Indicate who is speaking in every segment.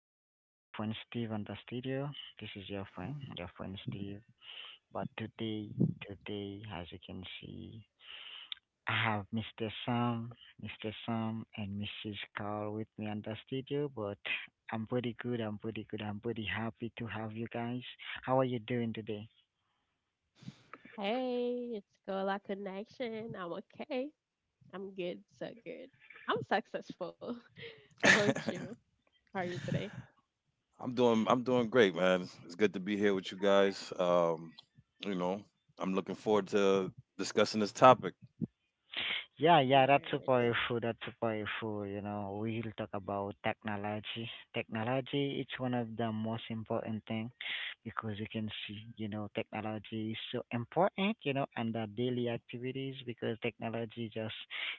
Speaker 1: friend, Steve on the studio. This is your friend, Steve. But today, as you can see, I have Mr. Sam, and Mrs. Carl with me on the studio. But I'm pretty good. I'm pretty happy to have you guys. How are you doing today?
Speaker 2: Hey, it's Girl Connection. I'm okay. I'm good, so good. I'm successful. How about you? How are you today?
Speaker 3: I'm doing great, man. It's good to be here with you guys. You know, I'm looking forward to discussing this topic.
Speaker 1: Yeah, yeah, that's super
Speaker 2: Nice.
Speaker 1: powerful, you know, we'll talk about technology. Technology, it's one of the most important thing because you can see, you know, technology is so important, you know, and the daily activities because technology just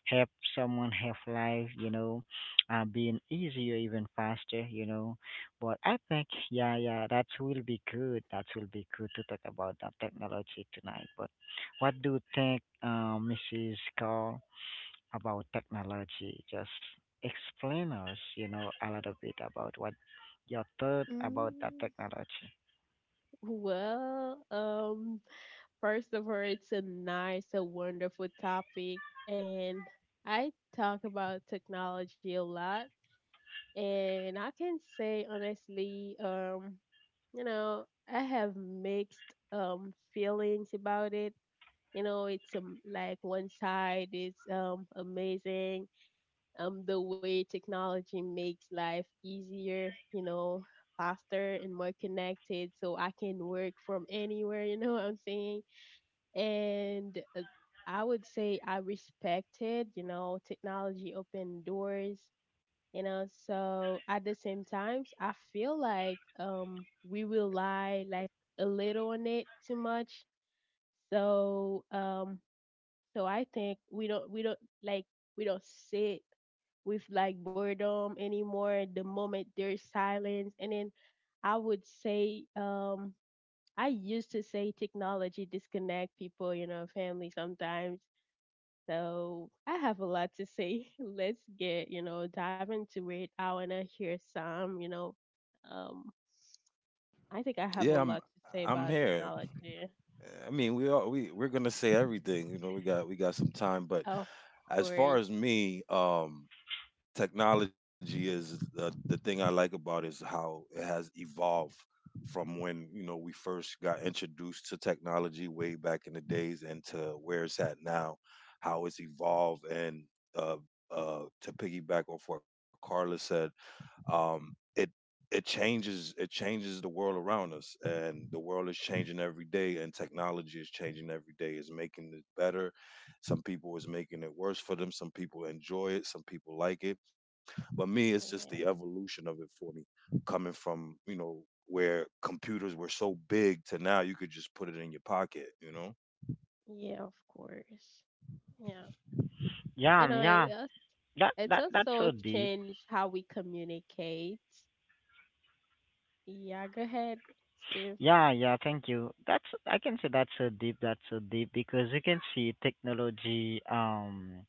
Speaker 1: help someone have life, you know, being easier, even faster, you know. But I think, yeah, yeah, that will be good. To talk about the technology tonight. But what do you think, Mrs. Carl? About technology. Just explain us, you know, a little bit about what your thought about that
Speaker 2: Mm,
Speaker 1: technology.
Speaker 2: well, first of all, it's a wonderful topic, and I talk about technology a lot, and I can say honestly, you know, I have mixed feelings about it. You know, it's like one side is amazing, the way technology makes life easier, you know, faster and more connected, so I can work from anywhere, you know what I'm saying? And I would say I respected, you know, technology open doors, you know, so at the same times, I feel like we rely like a little on it too much. So um, so I think we don't sit with like boredom anymore the moment there's silence. And then I would say I used to say technology disconnect people, you know, family sometimes. So I have a lot to say. Let's dive into it. I wanna hear some. Um I think I have
Speaker 3: Yeah,
Speaker 2: a
Speaker 3: I'm
Speaker 2: lot to say
Speaker 3: I'm
Speaker 2: about
Speaker 3: here.
Speaker 2: technology.
Speaker 3: I mean, we are we we're gonna say everything. You know, we got some time. But
Speaker 2: Of
Speaker 3: as far as
Speaker 2: course.
Speaker 3: me, technology is the thing I like about it is how it has evolved from when we first got introduced to technology way back in the days and to where it's at now, how it's evolved, and uh, to piggyback off what Carla said. Um, it it changes it changes the world around us, and the world is changing every day, and technology is changing every day. It's making it better. Some people is making it worse for them. Some people enjoy it. Some people like it. But me, it's just
Speaker 2: Yeah.
Speaker 3: the evolution of it for me, coming from where computers were so big to now you could just put it in your pocket. You know,
Speaker 2: Yeah, of course. Yeah. You
Speaker 1: Yeah,
Speaker 2: know,
Speaker 1: yeah.
Speaker 2: yes,
Speaker 1: That
Speaker 2: it's
Speaker 1: that that's so
Speaker 2: also
Speaker 1: deep.
Speaker 2: changed how we communicate. Yeah, go ahead, Steve.
Speaker 1: Yeah, yeah, thank you. That's I can say that's so deep because you can see technology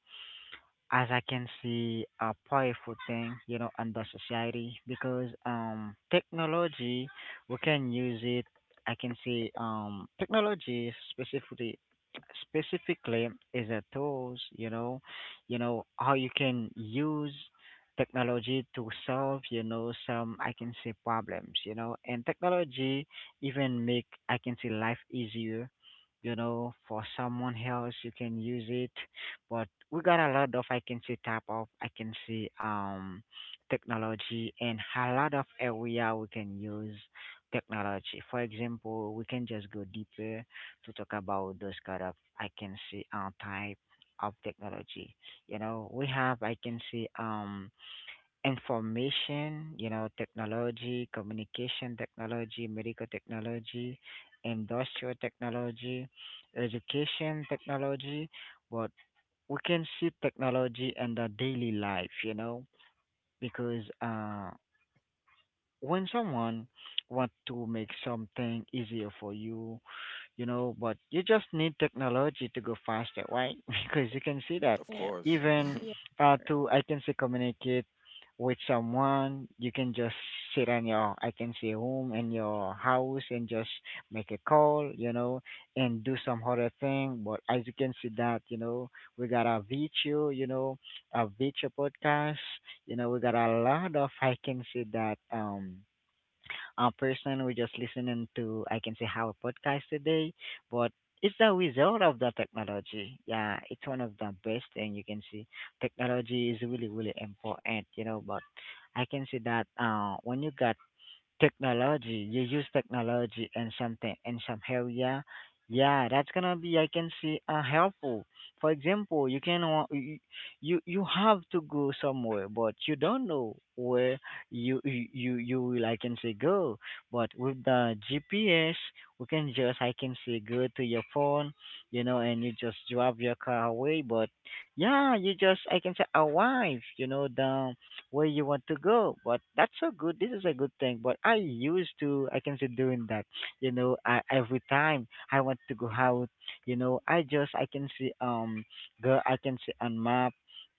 Speaker 1: as I can see a powerful thing, you know, under society because technology we can use it. I can say technology specifically is a tools, you know, how you can use technology to solve, you know, some I can say problems, you know, and technology even make I can say life easier. You know, for someone else, you can use it. But we got a lot of I can say type of I can say technology and a lot of area we can use technology. For example, we can just go deeper to talk about those kind of I can say type of technology. You know, we have I can say information, you know, technology, communication technology, medical technology, industrial technology, education technology, but we can see technology in the daily life, you know, because when someone want to make something easier for you, you know, but you just need technology to go faster, right? Because you can see that
Speaker 3: of
Speaker 2: Yeah,
Speaker 3: course.
Speaker 1: even
Speaker 2: yeah, of course.
Speaker 1: to I can say communicate with someone, you can just sit on your I can say home in your house and just make a call, you know, and do some other thing. But as you can see that, you know, we got a video, you know, a video podcast, you know, we got a lot of I can say that person. We're just listening to, I can say, how a podcast today, but it's the result of the technology. Yeah, it's one of the best thing you can see. Technology is really, really important, you know, but I can see that when you got. Technology. You use technology and something in some area. Yeah, that's gonna be I can see helpful. For example, you can wa- y- you have to go somewhere, but you don't know where you will I can say go. But with the GPS, we can just I can say go to your phone, you know, and you just drive your car away. But yeah, you just I can say arrive, you know, the where you want to go. But that's so good. This is a good thing. But I used to, I can say, doing that. Every time I want to go out, you know, I just, I can see, go, I can see on map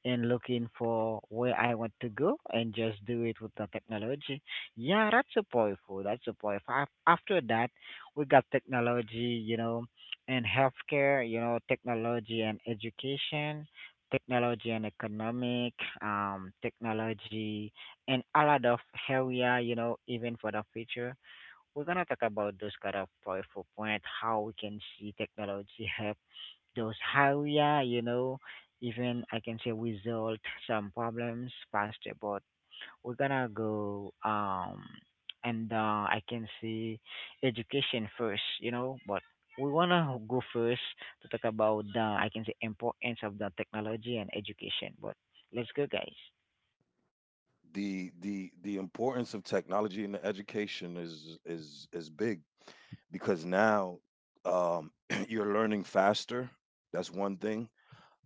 Speaker 1: and looking for where I want to go and just do it with the technology. Yeah, that's so powerful. After that, we got technology, you know, and healthcare, you know, technology and education technology and economic, technology, and a lot of area, you know, even for the future. We're gonna talk about those kind of powerful point, how we can see technology help those area, you know, even I can say resolve some problems faster, but we're gonna go and I can see education first, you know, but we wanna go first to talk about the I can say importance of the technology and education. But let's go guys.
Speaker 3: The importance of technology in the education is big because now um you're learning faster. That's one thing.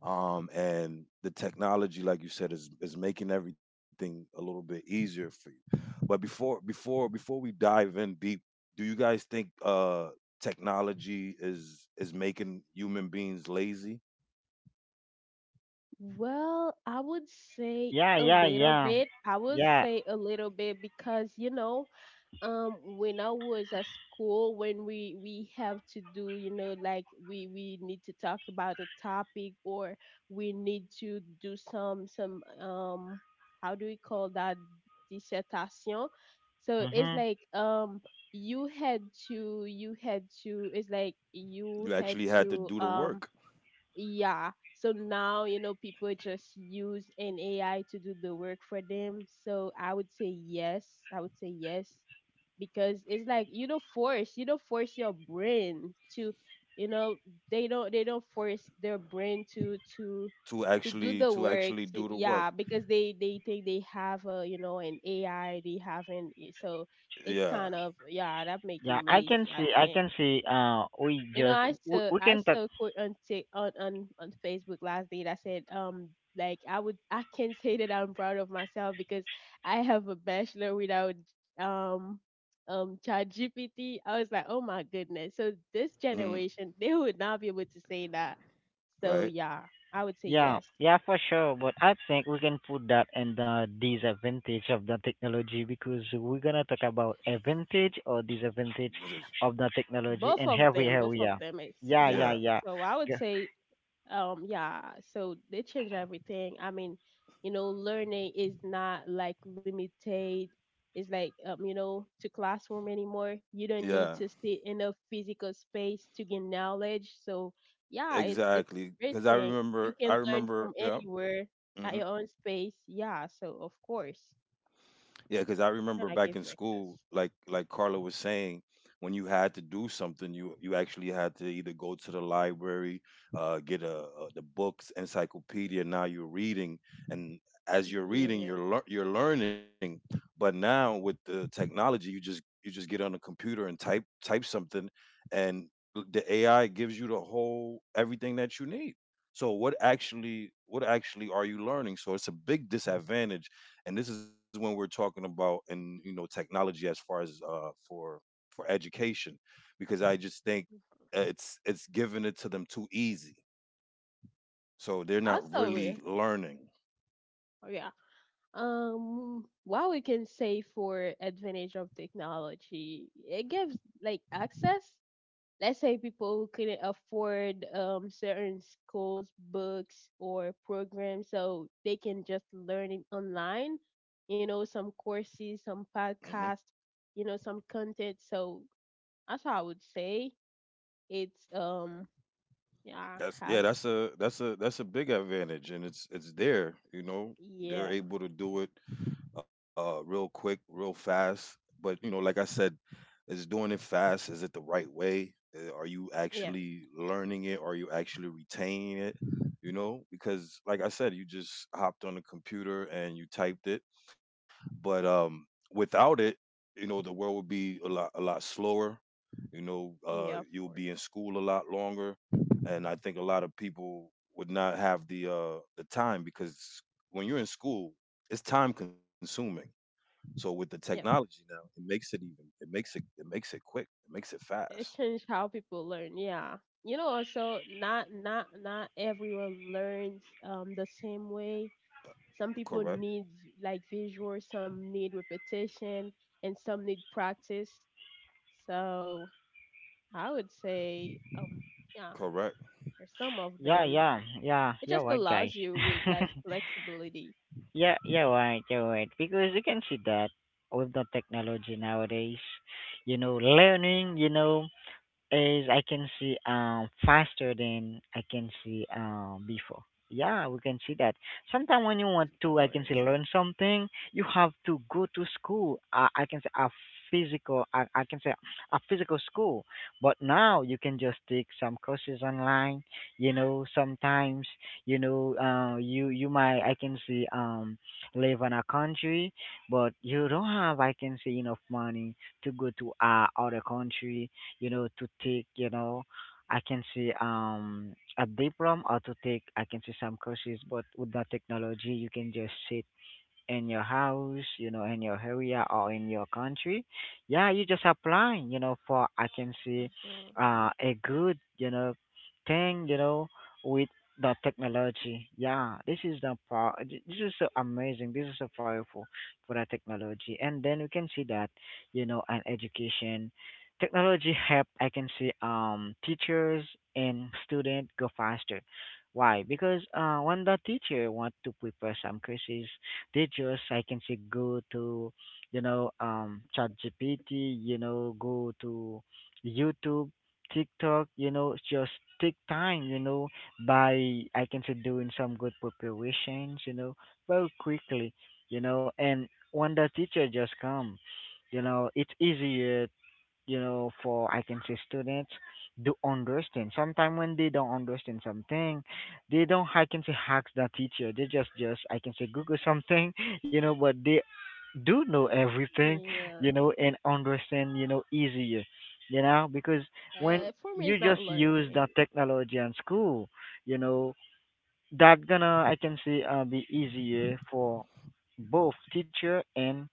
Speaker 3: And the technology, like you said, is making everything a little bit easier for you. But before we dive in deep, do you guys think technology is making human beings lazy?
Speaker 2: Well, I would say
Speaker 1: Yeah,
Speaker 2: a
Speaker 1: yeah,
Speaker 2: little
Speaker 1: yeah.
Speaker 2: bit. I would
Speaker 1: Yeah.
Speaker 2: say a little bit because, you know, when I was at school, when we have to do, you know, like, we need to talk about a topic, or we need to do some how do we call that, dissertation. So it's
Speaker 1: Mhm.
Speaker 2: like you had to it's like you
Speaker 3: You
Speaker 2: had
Speaker 3: actually had to
Speaker 2: to,
Speaker 3: do the work.
Speaker 2: yeah. So now, people just use an AI to do the work for them. So I would say yes, I would say yes, because it's like you don't force your brain to, you know, they don't force their brain to to
Speaker 3: to
Speaker 2: to do
Speaker 3: actually
Speaker 2: the
Speaker 3: to
Speaker 2: work
Speaker 3: actually
Speaker 2: to.
Speaker 3: do the work.
Speaker 2: Yeah, because they think they have a you know an ai they haven't. So it's
Speaker 3: Yeah.
Speaker 2: kind of, yeah, that make you
Speaker 1: Yeah,
Speaker 2: lazy. I,
Speaker 1: I can see
Speaker 2: you know, I saw
Speaker 1: we
Speaker 2: I
Speaker 1: can talk.
Speaker 2: saw a quote on Tik on Facebook last day that said, like, I can say that I'm proud of myself because I have a bachelor without um ChatGPT. I was like, oh my goodness. So this
Speaker 3: Mm-hmm.
Speaker 2: generation, they would not be able to say that. So
Speaker 3: Right?
Speaker 2: yeah, I would say
Speaker 1: Yeah,
Speaker 2: yes.
Speaker 1: yeah, for sure. But I think we can put that in the disadvantage of the technology because we're gonna talk about advantage or disadvantage
Speaker 3: It is.
Speaker 1: of the technology
Speaker 2: Both
Speaker 1: in
Speaker 2: of
Speaker 1: every
Speaker 2: them, both of
Speaker 1: area.
Speaker 2: them is,
Speaker 1: Yeah,
Speaker 2: yeah.
Speaker 1: yeah,
Speaker 3: Yeah,
Speaker 1: yeah,
Speaker 2: So I would
Speaker 1: G-
Speaker 2: say. Yeah, so they change everything. I mean, you know, learning is not like limited. It's like you know, to classroom anymore. You don't need
Speaker 3: yeah,
Speaker 2: to sit in a physical space to gain knowledge. So yeah, it's
Speaker 3: exactly.
Speaker 2: a great
Speaker 3: Because I
Speaker 2: thing. You
Speaker 3: remember, I
Speaker 2: can learn
Speaker 3: remember,
Speaker 2: from
Speaker 3: yeah.
Speaker 2: anywhere at your own space. Yeah, so of course,
Speaker 3: Yeah, because I remember
Speaker 2: and
Speaker 3: back
Speaker 2: I
Speaker 3: in
Speaker 2: give you
Speaker 3: school,
Speaker 2: access.
Speaker 3: like Carla was saying, when you had to do something, you actually had to either go to the library, get a the books, encyclopedia. Now you're reading, and as you're reading,
Speaker 2: Yeah.
Speaker 3: you're learning. But now with the technology, you just get on a computer and type something, and the AI gives you the whole everything that you need. So what actually are you learning? So it's a big disadvantage, and this is when we're talking about, and technology, as far as for education, because I just think, it's giving it to them too easy, so they're not
Speaker 2: Also,
Speaker 3: really learning.
Speaker 2: yeah, what we can say for advantage of technology, it gives like access. Let's say people who couldn't afford certain schools, books or programs, so they can just learn it online. You know, some courses, some
Speaker 3: Hmm.
Speaker 2: podcasts, you know, some content. So that's what I would say. It's yeah,
Speaker 3: That's, yeah.
Speaker 2: have
Speaker 3: That's a big advantage, and it's there. You know, they're
Speaker 2: yeah,
Speaker 3: able to do it, real quick, real fast. But you know, like I said, is doing it fast? Is it the right way? Are you
Speaker 2: yeah,
Speaker 3: actually learning it? Are you actually retaining it? You know, because like I said, you just hopped on the computer and you typed it. But without it, you know, the world would be a lot slower. You know,
Speaker 2: yeah, of
Speaker 3: you'll
Speaker 2: course.
Speaker 3: be in school a lot longer, and I think a lot of people would not have the time because when you're in school, it's time consuming. So with the
Speaker 2: Yeah,
Speaker 3: technology now, it makes it even. It makes it. It makes it quick. It makes it
Speaker 2: it
Speaker 3: fast.
Speaker 2: changed how people learn. Yeah. You know, also not everyone learns the same way. Some people
Speaker 3: Correct.
Speaker 2: need like visual, some need repetition, and some need practice. So I would say, yeah,
Speaker 3: Correct.
Speaker 2: for some of
Speaker 1: yeah,
Speaker 2: them,
Speaker 1: yeah, yeah.
Speaker 2: it
Speaker 1: You're
Speaker 2: just
Speaker 1: right, guys.
Speaker 2: allows you with like flexibility,
Speaker 1: Yeah, you're right, you're right. Because you can see that with the technology nowadays, you know, learning, you know, is I can see faster than I can see before. Yeah, we can see that. Sometimes when you
Speaker 2: of
Speaker 1: want to, I can say
Speaker 2: course.
Speaker 1: learn something, you have to go to school. I can say I can say a physical school. But now you can just take some courses online. You know, sometimes you know, you might I can say live in a country, but you don't have I can say enough money to go to other country, you know, to take, you know, I can say a diploma or to take I can say some courses, but with the technology you can just sit in your house, you know, in your area or in your country, yeah, you just apply, you know, for I can see
Speaker 2: Hmm.
Speaker 1: a good, you know, thing, you know, with the technology. Yeah, this is the power. This is so amazing. This is so powerful for the technology. And then we can see that, you know, an education technology help. I can see teachers and student go faster. Why? Because when the teacher want to prepare some courses. Teachers, I can say go to you know ChatGPT, you know, go to YouTube, TikTok, you know, just take time, you know, by I can say doing some good preparations, you know, very quickly, you know, and when the teacher just come, you know, it's easier, you know, for I can say students do understand. Sometimes when they don't understand something, they don't I can say hack the teacher. They just I can say Google something, you know, but they do know everything, you
Speaker 2: Yeah.
Speaker 1: know, and understand, you know, easier, you know, because when
Speaker 2: For me,
Speaker 1: you
Speaker 2: it's not
Speaker 1: just use the
Speaker 2: learning.
Speaker 1: technology in school, you know, that gonna I can say be easier for both teacher and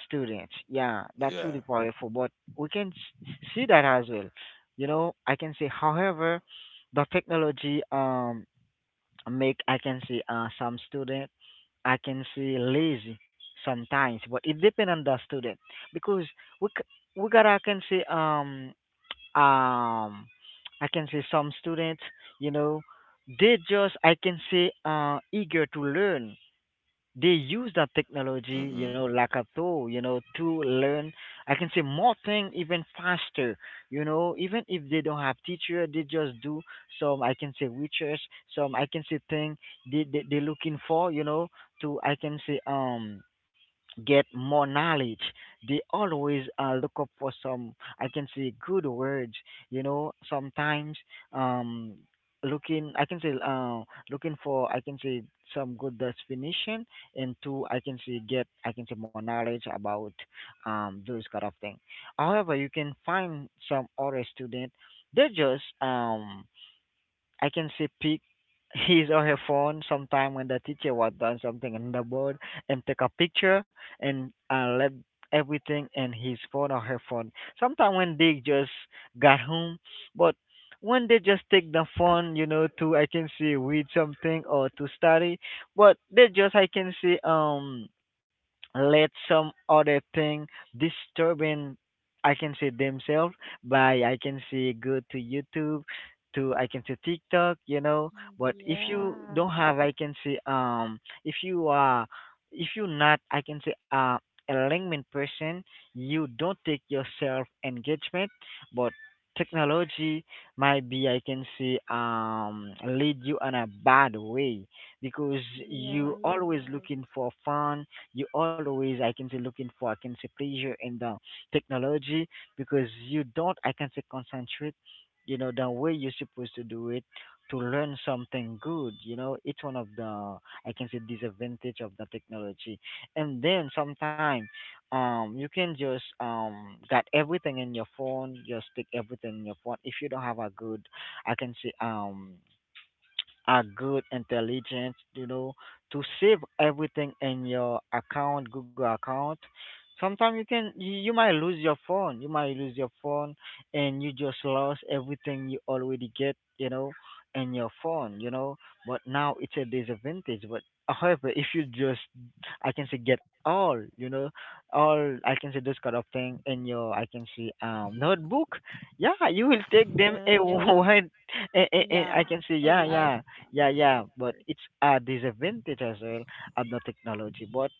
Speaker 1: students. Yeah,
Speaker 3: Yeah.
Speaker 1: that's really powerful. But see that as well. You know, I can say, however, the technology make I can say some student I can say lazy sometimes, but it depends on the student because we gotta I can say um I can say some students, you know, they just I can say eager to learn. They use that technology, you
Speaker 3: Mhm.
Speaker 1: know, like a tool, you know, to learn I can say more thing even faster, you know, even if they don't have teacher, they just do some I can say research, some I can say thing, they looking for, you know, to I can say get more knowledge. They always look up for some, I can say, good words. You know, sometimes um, looking, I can say, looking for, I can say, some good definition, and two, I can say, get, I can say, more knowledge about those kind of thing. However, you can find some other student. They just I can see pick his or her phone sometime when the teacher was done something on the board and take a picture and let everything in his phone or her phone. Sometime when they just got home, but when they just take the phone, you know, to I can see read something or to study, but they just I can see let some other thing disturbing I can say themselves by I can say go to YouTube, to I can say TikTok, you know, but if you don't
Speaker 2: Yeah.
Speaker 1: have I can say if you are if you're not I can say a LinkedIn person, you don't take yourself engagement, but technology might be I can say lead you on a bad way because
Speaker 2: Yeah,
Speaker 1: you
Speaker 2: you're
Speaker 1: always
Speaker 2: right.
Speaker 1: looking for fun, you always I can say looking for I can say pleasure in the technology because you don't I can say concentrate, you know, the way you're supposed to do it to learn something good. You know, it's one of the I can say disadvantage of the technology. And then sometimes you can just got everything in your phone, just stick everything in your phone if you don't have a good I can say a good intelligent, you know, to save everything in your account, google account. Sometimes you might lose your phone, you might lose your phone, and you just lost everything you already get, you know, in your phone, you know. But now it's a disadvantage. But however, if you just I can say get all, you know, all I can say those kind of thing in your I can say notebook, yeah, you will take them
Speaker 2: Yeah,
Speaker 1: a
Speaker 2: you are.
Speaker 1: word. And,
Speaker 2: Yeah,
Speaker 1: I can say
Speaker 2: a
Speaker 1: yeah yeah,
Speaker 2: lifestyle.
Speaker 1: yeah,
Speaker 2: Yeah,
Speaker 1: yeah,
Speaker 2: of
Speaker 1: but
Speaker 2: course.
Speaker 1: it's a disadvantage as well of the technology. But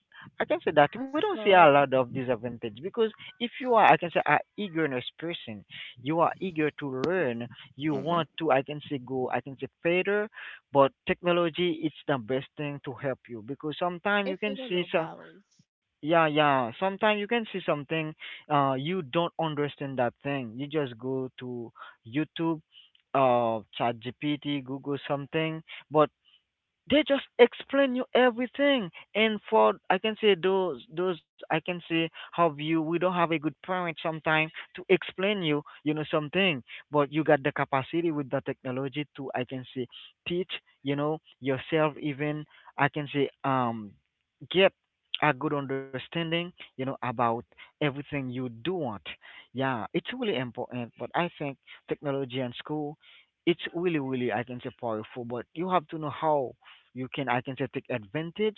Speaker 1: I can say that we don't see a
Speaker 2: Also,
Speaker 1: lot of disadvantage because if you are, I can say, a eagerness person, you are eager to learn, you
Speaker 3: Mhm.
Speaker 1: want to, I can say, go, I can say, further. But technology, it's the best thing to help you because sometimes you
Speaker 2: if
Speaker 1: can
Speaker 2: you don't
Speaker 1: see
Speaker 2: know
Speaker 1: some.
Speaker 2: balance,
Speaker 1: Yeah, yeah. Sometimes you can see something, you don't understand that thing. You just go to YouTube, ChatGPT, Google something, but they just explain you everything. And for I can say those I can say have you, we don't have a good parent sometimes to explain you, you know, something, but you got the capacity with the technology to I can say teach, you know, yourself, even I can say get a good understanding, you know, about everything you do want. Yeah, it's really important. But I think technology and school, it's really really I can say powerful, but you have to know how you can I can say take advantage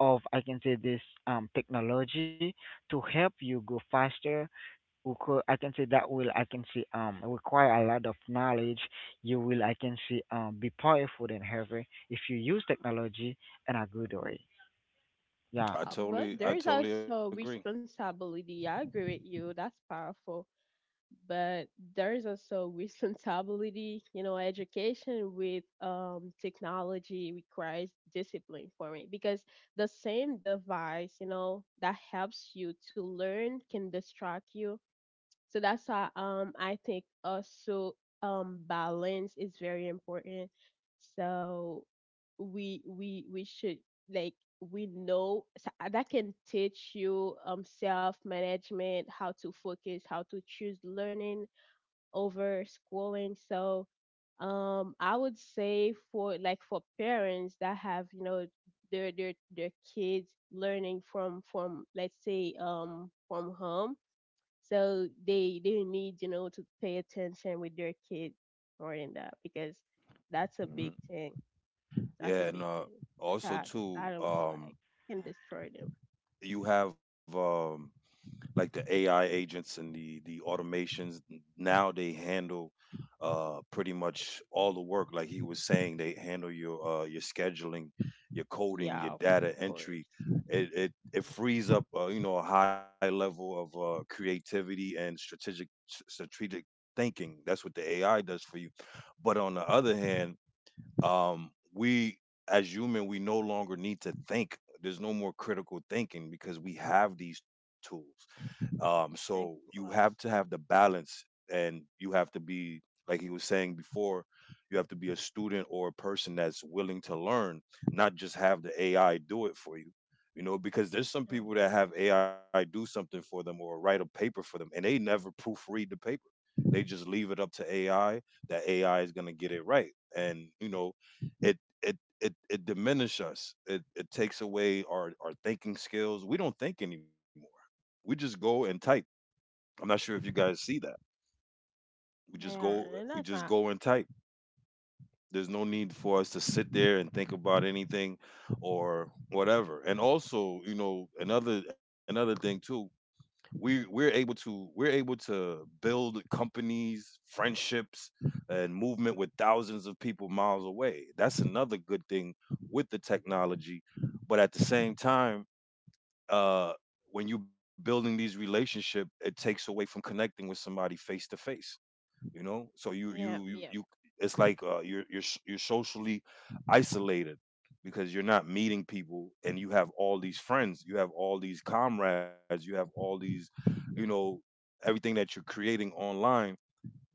Speaker 1: of I can say this technology to help you go faster. We could I can say that will I can say require a lot of knowledge. You will I can say be powerful and heavy if you use technology in a good way. Yeah,
Speaker 2: but
Speaker 3: I
Speaker 2: there's
Speaker 3: totally agree.
Speaker 2: also responsibility. I agree with you. That's powerful. But there's also responsibility. You know, education with technology requires discipline for me, because the same device, you know, that helps you to learn can distract you. So that's why I think also balance is very important. So we should, like, we know, so, that can teach you self management, how to focus, how to choose learning over schooling. So I would say for parents that have, you know, their kids learning from let's say from home, so they need to pay attention with their kids more than that, because that's a big
Speaker 3: Hmm.
Speaker 2: thing. That's a
Speaker 3: Yeah, and
Speaker 2: big thing. That's how
Speaker 3: also
Speaker 2: I do.
Speaker 3: too,
Speaker 2: I don't feel like can destroy them.
Speaker 3: you have like the AI agents and the automations. Now they handle pretty much all the work, like he was saying. They handle your your scheduling, your coding,
Speaker 2: Yeah,
Speaker 3: your
Speaker 2: of
Speaker 3: data entry.
Speaker 2: course.
Speaker 3: It frees up, a high level of creativity and strategic thinking. That's what the AI does for you. But on the other hand, we as human, we no longer need to think. There's no more critical thinking because we have these tools. So
Speaker 2: Thank you,
Speaker 3: you
Speaker 2: us.
Speaker 3: have to have the balance, and you have to be, like he was saying before, you have to be a student or a person that's willing to learn, not just have the AI do it for you. You know, because there's some
Speaker 2: Of
Speaker 3: people that have
Speaker 2: course.
Speaker 3: AI do something for them or write a paper for them, and they never proofread the paper. They just leave it up to AI. That AI is gonna get it right. And you know, it it it it diminishes us. It takes away our thinking skills. We don't think anymore. We just go and type. I'm not sure if you guys see that. We just
Speaker 2: Yeah,
Speaker 3: go
Speaker 2: and
Speaker 3: we
Speaker 2: that's
Speaker 3: just
Speaker 2: not.
Speaker 3: go and type. There's no need for us to sit there and think about anything or whatever. And also, you know, another thing too, we're able to build companies, friendships, and movement with thousands of people miles away. That's another good thing with the technology. But at the same time, uh when you're building these relationship, it takes away from connecting with somebody face to face. So you
Speaker 2: Yeah,
Speaker 3: you you,
Speaker 2: yeah,
Speaker 3: you it's like, you're socially isolated because you're not meeting people, and you have all these friends, you have all these comrades, you have all these, you know everything that you're creating online.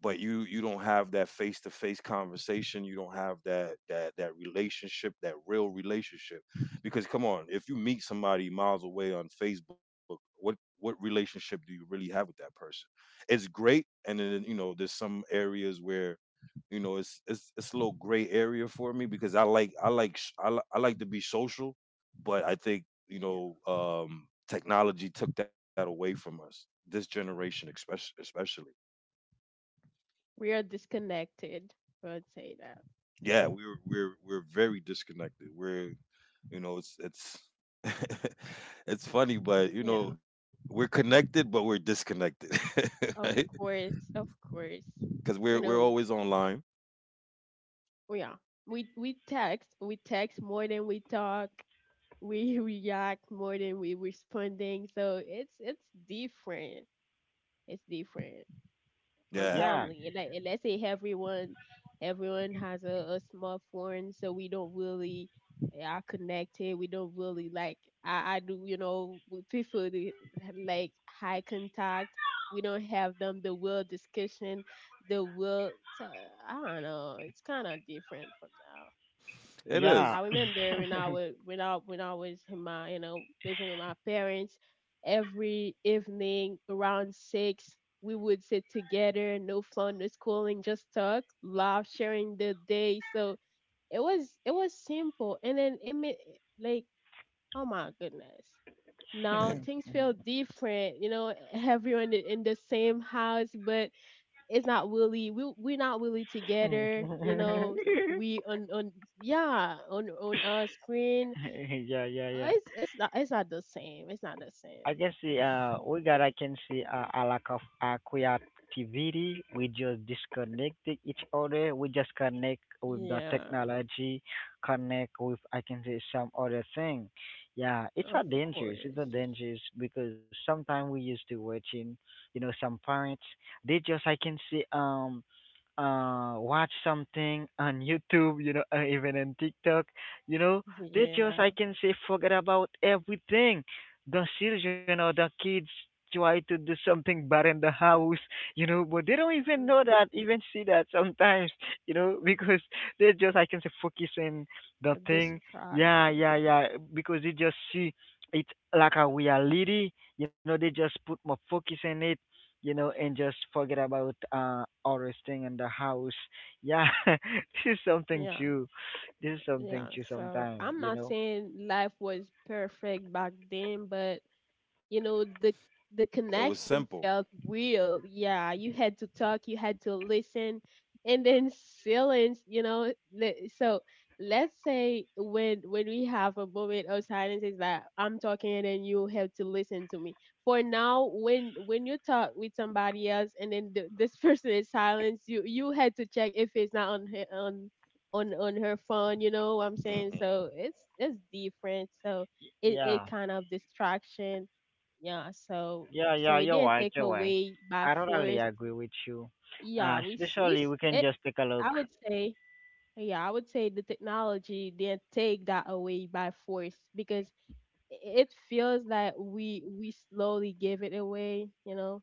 Speaker 3: But you don't have that face to face conversation. You don't have that relationship, that real relationship. Because come on, if you meet somebody miles away on Facebook, what relationship do you really have with that person? It's great. And then, there's some areas where, it's a little gray area for me, because I like sh- I, li- I like to be social. But I think,
Speaker 2: yeah.
Speaker 3: technology took that away from us, this generation, especially, especially.
Speaker 2: We are disconnected. I would say that.
Speaker 3: Yeah, we're very disconnected. We're you know it's it's funny. But, you
Speaker 2: Yeah,
Speaker 3: know, we're connected, but we're disconnected,
Speaker 2: of
Speaker 3: right?
Speaker 2: course, of course.
Speaker 3: Because
Speaker 2: You
Speaker 3: we're
Speaker 2: know,
Speaker 3: we're always online.
Speaker 2: yeah. We text, we text more than we talk. We react more than we responding. So it's different. It's different from
Speaker 3: Yeah,
Speaker 1: yeah,
Speaker 2: family. Like let's say everyone has a smartphone, so we don't really are connected. We don't really like I do, you know, we prefer to have, like, high contact. We don't have them the real discussion, the real. So I don't know. It's kind of different from that.
Speaker 3: it is.
Speaker 2: I
Speaker 1: yeah,
Speaker 2: remember when I was in my, living with my parents, every evening around 6 we would sit together, no phone, no schooling, just talk, laugh, sharing the day. So it was simple, and then it made like, oh my goodness. Now things feel different, you know. Everyone, in the same house, but it's not really, we're not really together, you know, we on yeah on our screen.
Speaker 1: yeah,
Speaker 2: uh,
Speaker 1: yeah,
Speaker 2: it's
Speaker 1: yeah.
Speaker 2: it's not it's not the same it's not the
Speaker 1: I
Speaker 2: same.
Speaker 1: can see we got, I can see, a lack of, creativity. We just disconnected each other. We just connect with the
Speaker 2: Yeah,
Speaker 1: technology, connect with I can say some other thing. Yeah, it's
Speaker 2: of
Speaker 1: a dangerous. It's a
Speaker 2: course.
Speaker 1: dangerous because sometimes we used to watching, you know, some parents they just I can see watch something on YouTube, you know, even on TikTok, you know, they just I
Speaker 2: Yeah.
Speaker 1: can say forget about everything. The children or the kids try to do something bad in the house, you know, but they don't even know
Speaker 2: Mm-hmm.
Speaker 1: that, even see that sometimes, you know, because they just I can say focus in the thing.
Speaker 2: Distracted.
Speaker 1: Yeah, yeah, yeah. Because they just see it like a reality, you know, they just put more focus in it, you know, and just forget about other thing in the house. Yeah, this is something
Speaker 2: Yeah,
Speaker 1: too. This is something
Speaker 2: yeah,
Speaker 1: too.
Speaker 2: so
Speaker 1: Sometimes,
Speaker 2: I'm
Speaker 1: you
Speaker 2: not
Speaker 1: know.
Speaker 2: saying life was perfect back then, but you know the
Speaker 3: It
Speaker 2: the
Speaker 3: was simple.
Speaker 2: connection felt real. Yeah, you had to talk, you had to listen, and then silence, you know, so let's say when we have a moment of silence is that I'm talking and then you have to listen to me for now, when you talk with somebody else and then this person is silent. You had to check if it's not on her phone, you know what I'm saying.
Speaker 3: Mm-hmm.
Speaker 2: So it's different. So
Speaker 1: Y-
Speaker 2: it
Speaker 1: Yeah,
Speaker 2: kind of distraction. Yeah, so
Speaker 1: yeah,
Speaker 2: so
Speaker 1: yeah.
Speaker 2: it
Speaker 1: You're
Speaker 2: didn't
Speaker 1: right.
Speaker 2: take
Speaker 1: You're right.
Speaker 2: away by
Speaker 1: I totally
Speaker 2: force.
Speaker 1: agree with you.
Speaker 2: Yeah, we
Speaker 1: Especially
Speaker 2: s-
Speaker 1: we can
Speaker 2: it,
Speaker 1: just take a look.
Speaker 2: I would say yeah, I would say the technology didn't take that away by force, because i- it feels like we slowly give it away. You know,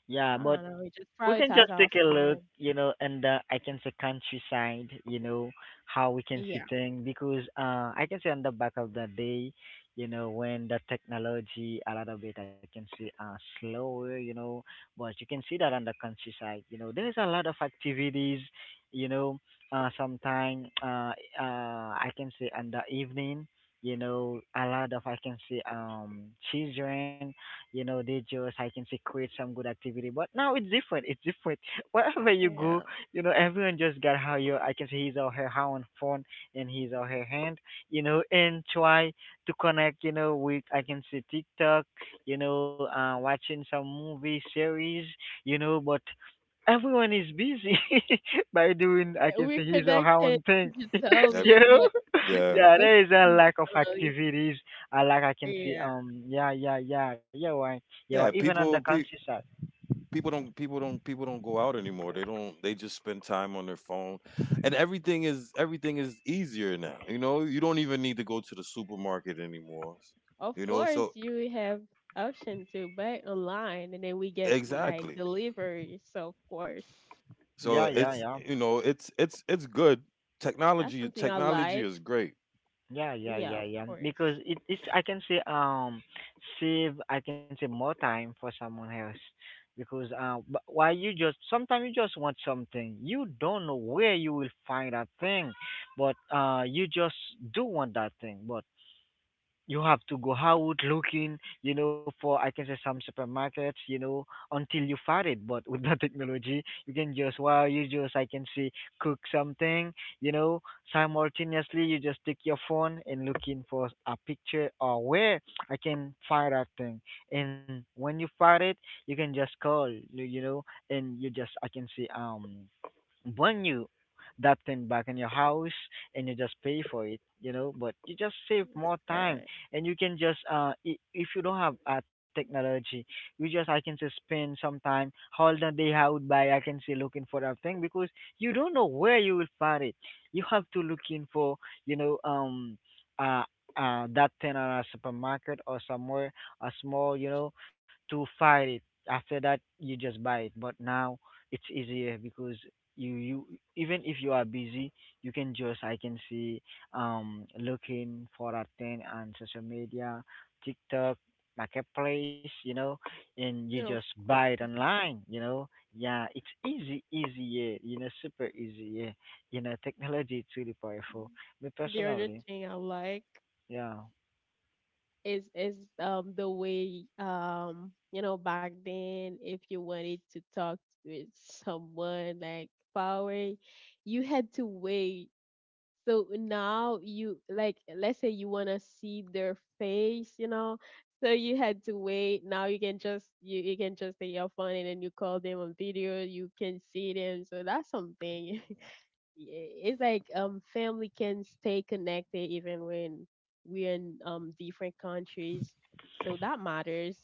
Speaker 1: Yeah,
Speaker 2: I
Speaker 1: but
Speaker 2: don't know. We just
Speaker 1: we can
Speaker 2: prioritize
Speaker 1: just
Speaker 2: our
Speaker 1: take a look,
Speaker 2: phone.
Speaker 1: you know, and I can say countryside, you know, how we can see
Speaker 2: Yeah,
Speaker 1: things because I can say on the back of the day, you know, when the technology a lot of it I can see slower, you know, but you can see that on the countryside, you know, there's a lot of activities, you know, sometime I can say on the evening. You know, a lot of I can see children, you know, they just I can say create some good activity. But now it's different. It's different. Wherever you go,
Speaker 2: yeah.
Speaker 1: you know, everyone just got how you I can say his or her own phone and his or her hand, you know, and try to connect, you know, with I can say TikTok, you know, watching some movie series, you know, but everyone is busy by doing I can
Speaker 2: We're
Speaker 1: say his or her own
Speaker 2: connected
Speaker 1: thing.
Speaker 3: Ev-
Speaker 1: You
Speaker 2: digitally,
Speaker 1: know?
Speaker 2: but
Speaker 3: Yeah,
Speaker 1: Yeah,
Speaker 2: disconnected
Speaker 1: there is a lack of
Speaker 2: emotionally.
Speaker 1: activities. A lack I can see
Speaker 2: Yeah.
Speaker 1: yeah, yeah, yeah, yeah, why,
Speaker 3: yeah.
Speaker 1: yeah, why, even
Speaker 3: People
Speaker 1: on the
Speaker 3: pe-
Speaker 1: country side.
Speaker 3: people don't people don't people don't go out anymore. They don't. They just spend time on their phone, and everything is easier now. You know, you don't even need to go to the supermarket anymore. You
Speaker 2: Of
Speaker 3: know,
Speaker 2: course,
Speaker 3: so
Speaker 2: you have option to buy online, and then we get
Speaker 3: exactly.
Speaker 2: like delivery. So of course,
Speaker 3: So
Speaker 1: Yeah, yeah,
Speaker 3: it's
Speaker 1: yeah.
Speaker 3: you know it's good.
Speaker 2: that's
Speaker 3: Technology
Speaker 2: something I
Speaker 3: technology
Speaker 2: like.
Speaker 3: is great.
Speaker 1: Yeah, yeah,
Speaker 2: Yeah,
Speaker 1: yeah,
Speaker 2: of
Speaker 1: yeah. Because
Speaker 2: course.
Speaker 1: it, it's I can say save I can say more time for someone else. Because why you just sometimes you just want something. You don't know where you will find that thing, but you just do want that thing. But you have to go out looking, you know, for I can say some supermarkets, you know, until you find it. But with the technology, you can just wow, you just I can say cook something, you know, simultaneously you just take your phone and looking for a picture or where I can find that thing. And when you find it, you can just call, you know, and you just I can say one you that thing back in your house and you just pay for it, you know, but you just save
Speaker 2: That's
Speaker 1: more time.
Speaker 2: correct.
Speaker 1: And you can just if you don't have technology, you just I can say spend some time all the day out by I can say looking for that thing because you don't know where you will find it. You have to look in for, you know, uh that thing on a supermarket or somewhere a small, you know, to find it. After that you just buy it. But now it's easier because you, even if you are busy, you can just I can see looking for a thing on social media, tiktok, marketplace, you know, and you
Speaker 2: No, of
Speaker 1: just buy it
Speaker 2: course.
Speaker 1: online, you know. Yeah, it's easy, easy, yeah, you know, super easy, yeah, you know, technology is really powerful, me
Speaker 2: The other
Speaker 1: personally.
Speaker 2: thing I like
Speaker 1: Yeah,
Speaker 2: is the way, you know, back then if you wanted to talk with someone like power, you had to wait, so now you like let's say you want to see their face, you know, so you had to wait, now you can just you can just take your phone and then you call them on video, you can see them, so that's something. Yeah, it's like family can stay connected even when we're in different countries, so that matters.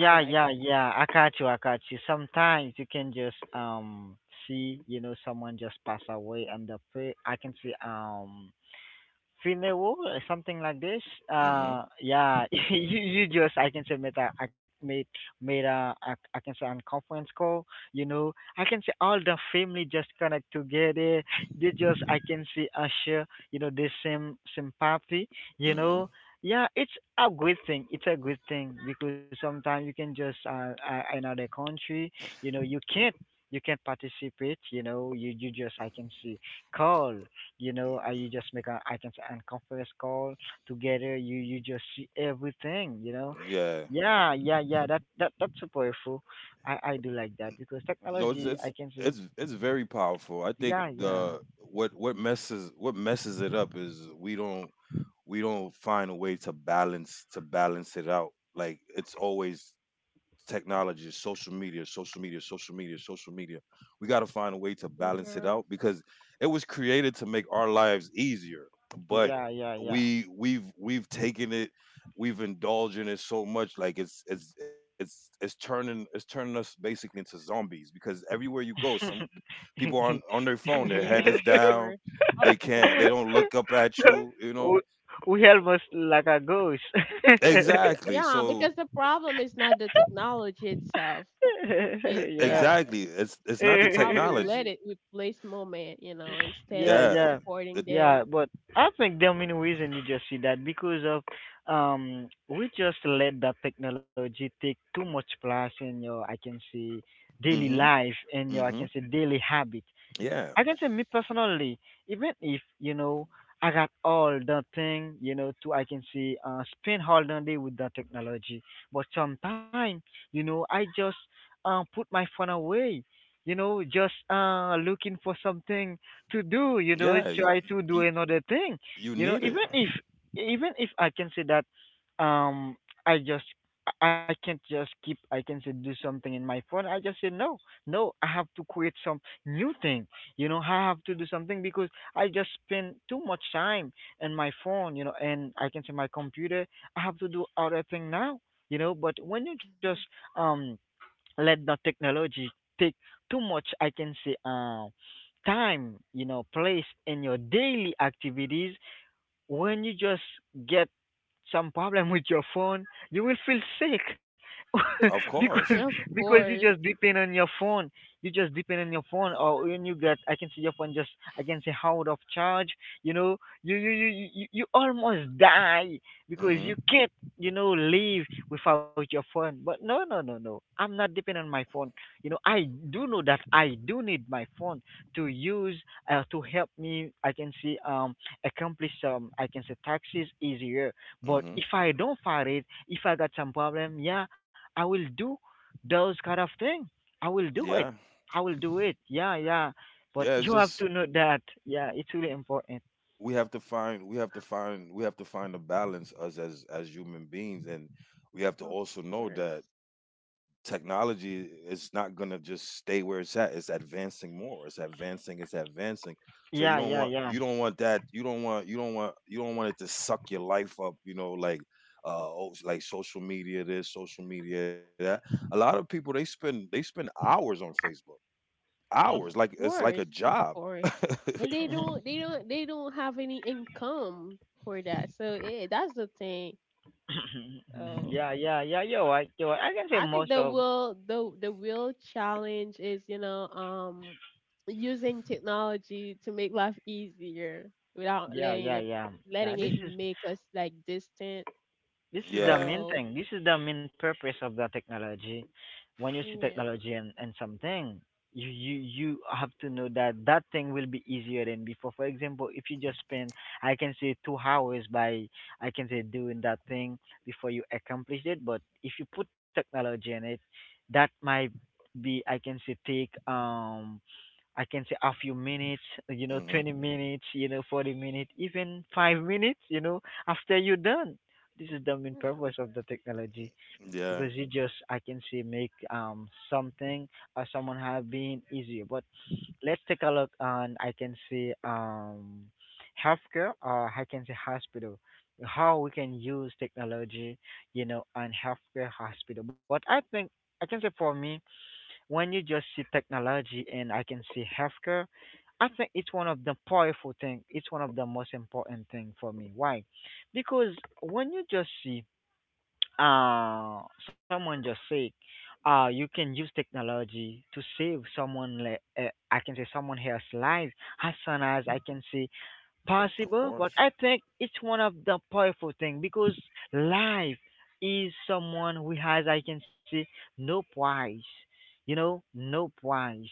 Speaker 2: I like
Speaker 1: yeah,
Speaker 2: that.
Speaker 1: yeah, I got you, I got you. Sometimes you can just see, you know, someone just pass away and the I can see Finewo, something like this.
Speaker 3: Mhm.
Speaker 1: Yeah,
Speaker 2: Mm-hmm.
Speaker 1: you just I can say made a I made, made a I can say on conference call. You know, I can say all the family just connect together. They just I can see share. You know, the same sympathy. You
Speaker 3: Mhm.
Speaker 1: know, yeah, it's a good thing. It's a good thing because sometimes you can just another country. You know, you can't participate. You know, you just I can see call. You know, you just make a I can say and conference call together. You just see everything. You know,
Speaker 3: Yeah.
Speaker 1: yeah, yeah, yeah. That that that's so powerful. I do like that because
Speaker 3: No, it's it's
Speaker 1: technology. I can
Speaker 3: it's
Speaker 1: say,
Speaker 3: it's very powerful. I think
Speaker 1: yeah, yeah,
Speaker 3: the what messes it up is we don't find a way to balance it out. Like it's always technology, social media, social media, social media, social media. We got to find a way to balance it
Speaker 2: Yeah,
Speaker 3: out, because it was created to make our lives easier. But
Speaker 1: yeah, yeah, yeah.
Speaker 3: we've taken it, we've indulged in it so much. Like it's turning us basically into zombies, because everywhere you go, some people are on their phone, their head
Speaker 2: yeah, of
Speaker 3: is down.
Speaker 2: course. Of
Speaker 3: They
Speaker 2: course.
Speaker 3: don't look up at you you know
Speaker 1: we, we almost like a ghost.
Speaker 3: Exactly.
Speaker 2: Yeah,
Speaker 3: So
Speaker 2: because the problem is not the technology itself. It
Speaker 1: Yeah.
Speaker 2: Yeah,
Speaker 3: exactly,
Speaker 2: it's
Speaker 3: it's not the
Speaker 2: how we
Speaker 3: technology.
Speaker 2: let it replace moment, you know, instead
Speaker 1: Yeah,
Speaker 2: of
Speaker 3: Yeah.
Speaker 1: yeah,
Speaker 2: supporting
Speaker 3: the,
Speaker 1: yeah.
Speaker 2: them.
Speaker 1: But I think the main reason you just see that because of we just let the technology take too much place in your I can say daily
Speaker 3: mhm.
Speaker 1: life
Speaker 3: Mm.
Speaker 1: and your I
Speaker 3: Mhm.
Speaker 1: can say daily habit.
Speaker 3: Yeah,
Speaker 1: I can say me personally, even if you know I got all the thing, you know, to I can say spend all the day with the technology, but sometimes, you know, I just put my phone away, you know, just looking for something to do, you know,
Speaker 3: yeah.
Speaker 1: try to do
Speaker 3: You
Speaker 1: another thing,
Speaker 3: you
Speaker 1: you know,
Speaker 3: need it,
Speaker 1: even if, even if I can say that um I just I can't just keep I can say do something in my phone. I just say no, no, I have to create some new thing, you know, I have to do something because I just spend too much time in my phone, you know, and I can say my computer. I have to do other thing now, you know. But when you just
Speaker 2: Mhm.
Speaker 1: um let the technology take too much, I can say time, you know, place in your daily activities, when you just get some problem with your phone, you will feel sick
Speaker 3: of course.
Speaker 1: because
Speaker 2: Of
Speaker 1: because you just
Speaker 2: course.
Speaker 1: depend on your phone. You just depend on your phone, or when you get, I can see your phone just, I can say out of charge. You know, you almost die
Speaker 3: Mm.
Speaker 1: because
Speaker 3: Mhm.
Speaker 1: you can't, you know, live without your phone. But no, no, no, no, I'm not dependent on my phone. You know, I do know that I do need my phone to use to help me. I can see accomplish some I can say taxes easier.
Speaker 3: Mm.
Speaker 1: But
Speaker 3: Mhm.
Speaker 1: if I don't find it, if I got some problem, yeah, I will do those kind of thing. I will do
Speaker 3: Yeah,
Speaker 1: it. I will do it. Yeah, yeah.
Speaker 3: yeah.
Speaker 1: But
Speaker 3: It's
Speaker 1: you have
Speaker 3: just,
Speaker 1: to know that. Yeah, it's really important.
Speaker 3: we have to find we have to find we have to find a balance, us as human beings. And we have to
Speaker 2: Of
Speaker 3: also know that
Speaker 2: course.
Speaker 3: technology is not going to just stay where it's at. It's advancing more. It's advancing. So you
Speaker 1: Yeah,
Speaker 3: don't
Speaker 1: yeah,
Speaker 3: want
Speaker 1: yeah.
Speaker 3: you don't want that. You don't want you don't want you don't want it to suck your life up, you know, like, oh, like social media this, social media that. A lot of people, they spend hours on Facebook.
Speaker 2: Of
Speaker 3: Hours, like it's like a
Speaker 2: course. Of
Speaker 3: job.
Speaker 2: course. And they don't have any income for that. So that's the thing. Uh,
Speaker 1: yeah, yeah, yeah. You're right. You're right. I can say
Speaker 2: I think
Speaker 1: most
Speaker 2: the
Speaker 1: of.
Speaker 2: real the real challenge is, using technology to make life easier without
Speaker 1: Yeah, yeah, yeah. Yeah,
Speaker 2: letting
Speaker 1: this
Speaker 2: it
Speaker 1: is.
Speaker 2: make us like distant.
Speaker 1: This is the
Speaker 3: Yeah.
Speaker 1: main
Speaker 2: So
Speaker 1: thing. This is the main purpose of the technology. When you see
Speaker 2: yeah,
Speaker 1: technology and something, you have to know that that thing will be easier than before. For example, if you just spend, I can say 2 hours by, I can say doing that thing before you accomplish it. But if you put technology in it, that might be, I can say, take I can say a few minutes, you know, 20
Speaker 3: Hmm.
Speaker 1: minutes, you know, 40 minutes, even 5 minutes, you know, after you're done. This is the main
Speaker 2: yeah,
Speaker 1: purpose of the technology because
Speaker 3: Yeah.
Speaker 1: it just, I can say, make something or someone have been easier. But let's take a look on, I can say, healthcare or I can say hospital, how we can use technology, you know, on healthcare hospital. But I think I can say for me when you just see technology and I can see healthcare, I think it's one of the powerful thing. It's one of the most important thing for me. Why? Because when you just see uh someone just sick, you can use technology to save someone. Like I can say someone else's life. As soon as I can say
Speaker 3: Of
Speaker 1: possible, but
Speaker 3: course.
Speaker 1: I think it's one of the powerful thing because life is someone who has, I can say, no price. You know, no price.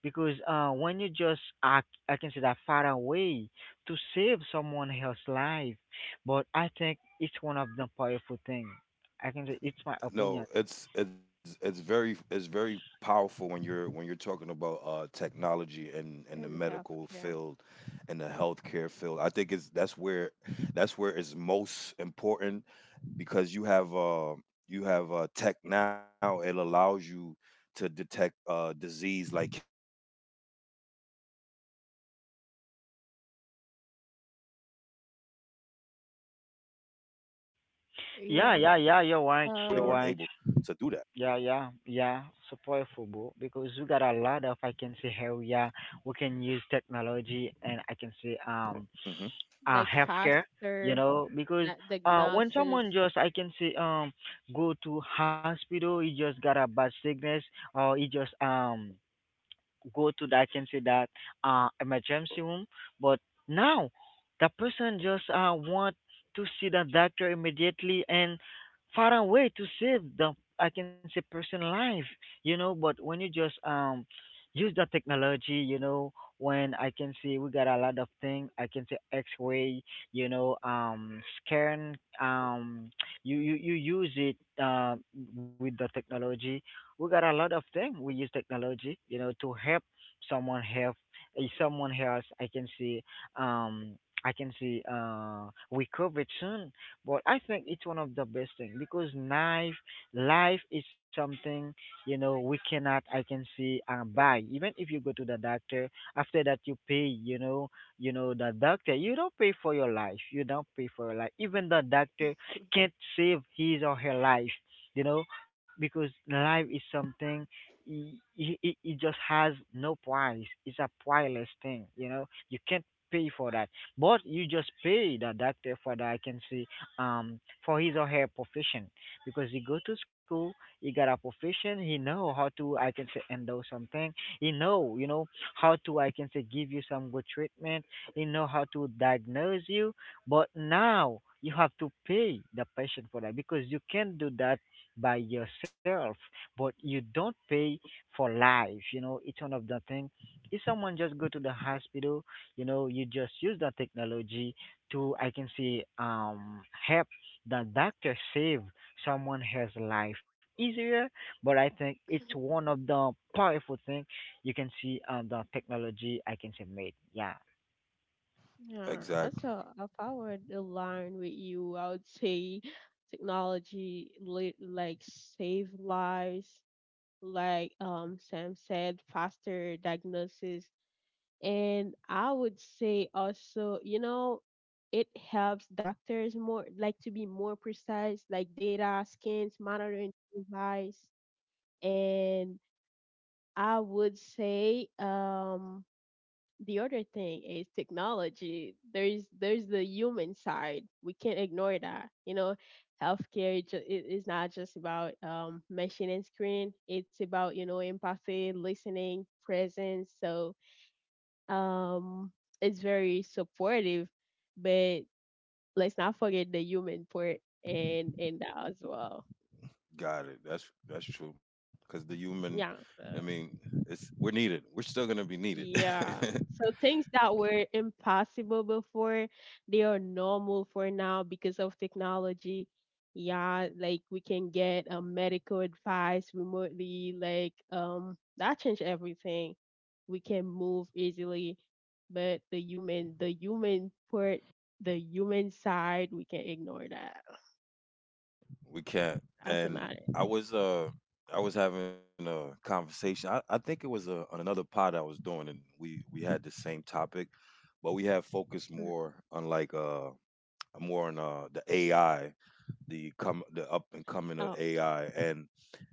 Speaker 1: Because when you just act, I can say that far away to save someone else's life, but I think it's one of the powerful thing. I can say it's my
Speaker 3: No,
Speaker 1: opinion.
Speaker 3: it's very powerful when you're talking about technology and the
Speaker 2: in
Speaker 3: medical
Speaker 2: healthcare,
Speaker 3: field and the healthcare field. I think it's that's where it's most important, because you have tech now. It allows you to detect disease like cancer and Alzheimer's way before the symptoms appear. So you could know it before, and if without that technology before, they weren't able to do that.
Speaker 1: Yeah,
Speaker 2: yeah.
Speaker 1: yeah, yeah. You're right. You're
Speaker 2: So
Speaker 1: right. Yeah, yeah, yeah. So powerful, bro. Because we got a lot of I can say, how yeah we can use technology and I can
Speaker 3: Hmm.
Speaker 1: say,
Speaker 2: like
Speaker 1: healthcare. You
Speaker 2: faster,
Speaker 1: know, because
Speaker 2: like
Speaker 1: when
Speaker 2: diagnosis.
Speaker 1: someone just I can say go to hospital, he just got a bad sickness or he just go to that I can say that emergency room. But now the person just want to see the doctor immediately and far away to save the I can say person life, you know, but when you just use the technology, you know, when I can see we got a lot of thing, I can say X ray, you know, scan, you use it uh with the technology we got a lot of things. We use technology, you know, to help someone help if someone else. Um, I can see, recovered soon. But I think it's one of the best thing because life, life is something you know we cannot. I can see buy. Even if you go to the doctor, after that you pay. You know the doctor. You don't pay for your life. You don't pay for your life. Even the doctor can't save his or her life. You know, because life is something it it just has no price. It's a priceless thing, you know you can't pay for that but you just pay the doctor for that. I can see um for his or her profession because he go to school, he got a profession, he know how to I can say handle something, he know you know how to I can say give you some good treatment, he know how to diagnose you, but now you have to pay the patient for that because you can't do that by yourself, but you don't pay for life. You know, it's one of the thing. If someone just go to the hospital, you know, you just use the technology to, I can say, help the doctor save someone has life easier. But I think it's one of the powerful thing you can see on the technology I can say made. Yeah.
Speaker 2: Yeah.
Speaker 3: Exactly.
Speaker 2: Also, if I were to align with you, I would say technology, like save lives, like, Sam said, faster diagnosis. And I would say also, you know, it helps doctors more like to be more precise, like data, scans, monitoring device. And I would say, the other thing is technology, there's the human side, we can't ignore that, you know, healthcare is, it is not just about machine and screen, it's about, you know, empathy, listening, presence. So um it's very supportive, but let's not forget the human part and that as well,
Speaker 3: Got it. That's true. Because the human,
Speaker 2: yeah,
Speaker 3: I
Speaker 2: so.
Speaker 3: mean, it's we're needed. We're still gonna be needed.
Speaker 2: Yeah. So things that were impossible before, they are normal for now because of technology. Yeah, like we can get a medical advice remotely, like that changed everything. We can move easily, but the human part, the human side, we can ignore that.
Speaker 3: We can't.
Speaker 2: That's
Speaker 3: And
Speaker 2: another
Speaker 3: I
Speaker 2: thing.
Speaker 3: was uh I was having a conversation. I think it was on another pod I was doing, and we had the same topic, but we had focused more on the AI, the up and coming of
Speaker 2: Oh
Speaker 3: AI. And,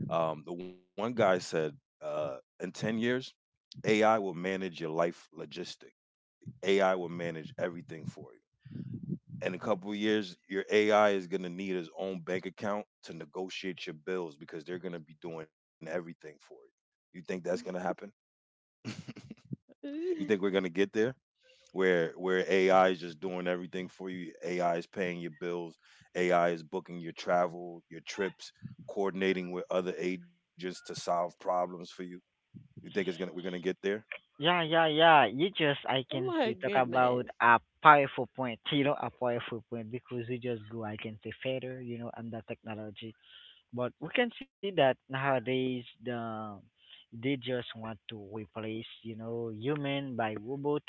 Speaker 3: the one guy said in 10 years, AI will manage your life logistics. AI will manage everything for you. In a couple of years, your AI is going to need its own bank account to negotiate your bills because they're going to be doing everything for you. You think that's going to happen? You think
Speaker 2: god.
Speaker 3: we're going to get there where AI is just doing everything for you? AI is paying your bills, AI is booking your travel, your trips, coordinating with other agents to solve problems for you. You think it's gonna we're gonna get there?
Speaker 1: Yeah, yeah, yeah. You just, I
Speaker 2: Oh
Speaker 1: can
Speaker 2: my
Speaker 1: say, talk about
Speaker 2: goodness.
Speaker 1: a powerful point. You know, a powerful point because you just go, I can say, further. You know, and the technology. But we can see that nowadays the they just want to replace, you know, human by robot.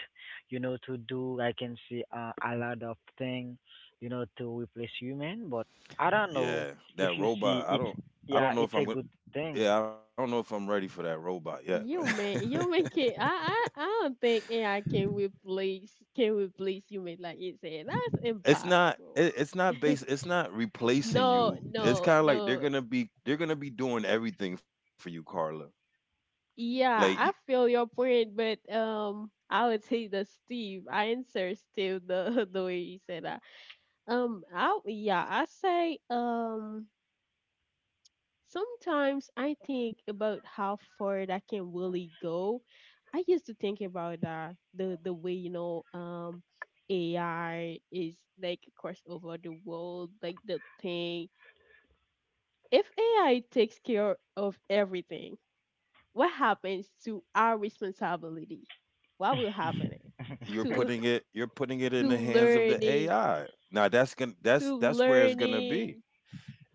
Speaker 1: You know, to do, I can see, a lot of thing. You know, to replace human. But I don't know
Speaker 3: Yeah,
Speaker 1: if
Speaker 3: that
Speaker 1: you see
Speaker 3: robot. I
Speaker 1: it's,
Speaker 3: don't. I
Speaker 1: yeah,
Speaker 3: don't know
Speaker 1: it's
Speaker 3: if I'm
Speaker 1: a
Speaker 3: gonna.
Speaker 1: good thing.
Speaker 3: Yeah, I don't know if I'm ready for that robot yet. Man.
Speaker 2: You man can I don't think AI can replace human like you said. That's
Speaker 3: it's not.
Speaker 2: impossible.
Speaker 3: It's not base. It's not replacing
Speaker 2: No,
Speaker 3: you. It's
Speaker 2: no,
Speaker 3: kind of like
Speaker 2: no.
Speaker 3: They're gonna be doing everything for you, Carla. Like
Speaker 2: Yeah, I feel your point, but I would say the Steve. I answer Steve the the way you said that. I yeah, I say. Sometimes I think about how far that can really go. I used to think about that the way you know AI is like across over the world, like the thing. If AI takes care of everything, what happens to our responsibility? What will happen to
Speaker 3: you're putting it in
Speaker 2: to
Speaker 3: the hands of the
Speaker 2: learning
Speaker 3: AI. Now that's where it's gonna be.
Speaker 2: learning?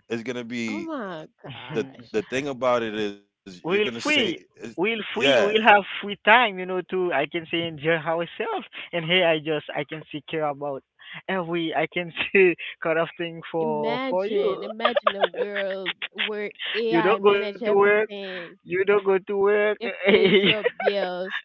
Speaker 3: It's gonna
Speaker 2: Oh
Speaker 3: be
Speaker 2: my
Speaker 3: the the
Speaker 2: gosh!
Speaker 3: thing about it is you're gonna
Speaker 1: we'll
Speaker 3: say
Speaker 1: free we'll
Speaker 3: yeah,
Speaker 1: free we'll have free time, you know, to I can say enjoy ourselves and here I just I can see care about every I can see kind of thing for
Speaker 2: Imagine,
Speaker 1: you.
Speaker 2: imagine a world where
Speaker 1: you
Speaker 2: AI
Speaker 1: don't go to
Speaker 2: manage
Speaker 1: work
Speaker 2: everything.
Speaker 1: you don't go to work
Speaker 2: It pays your bills,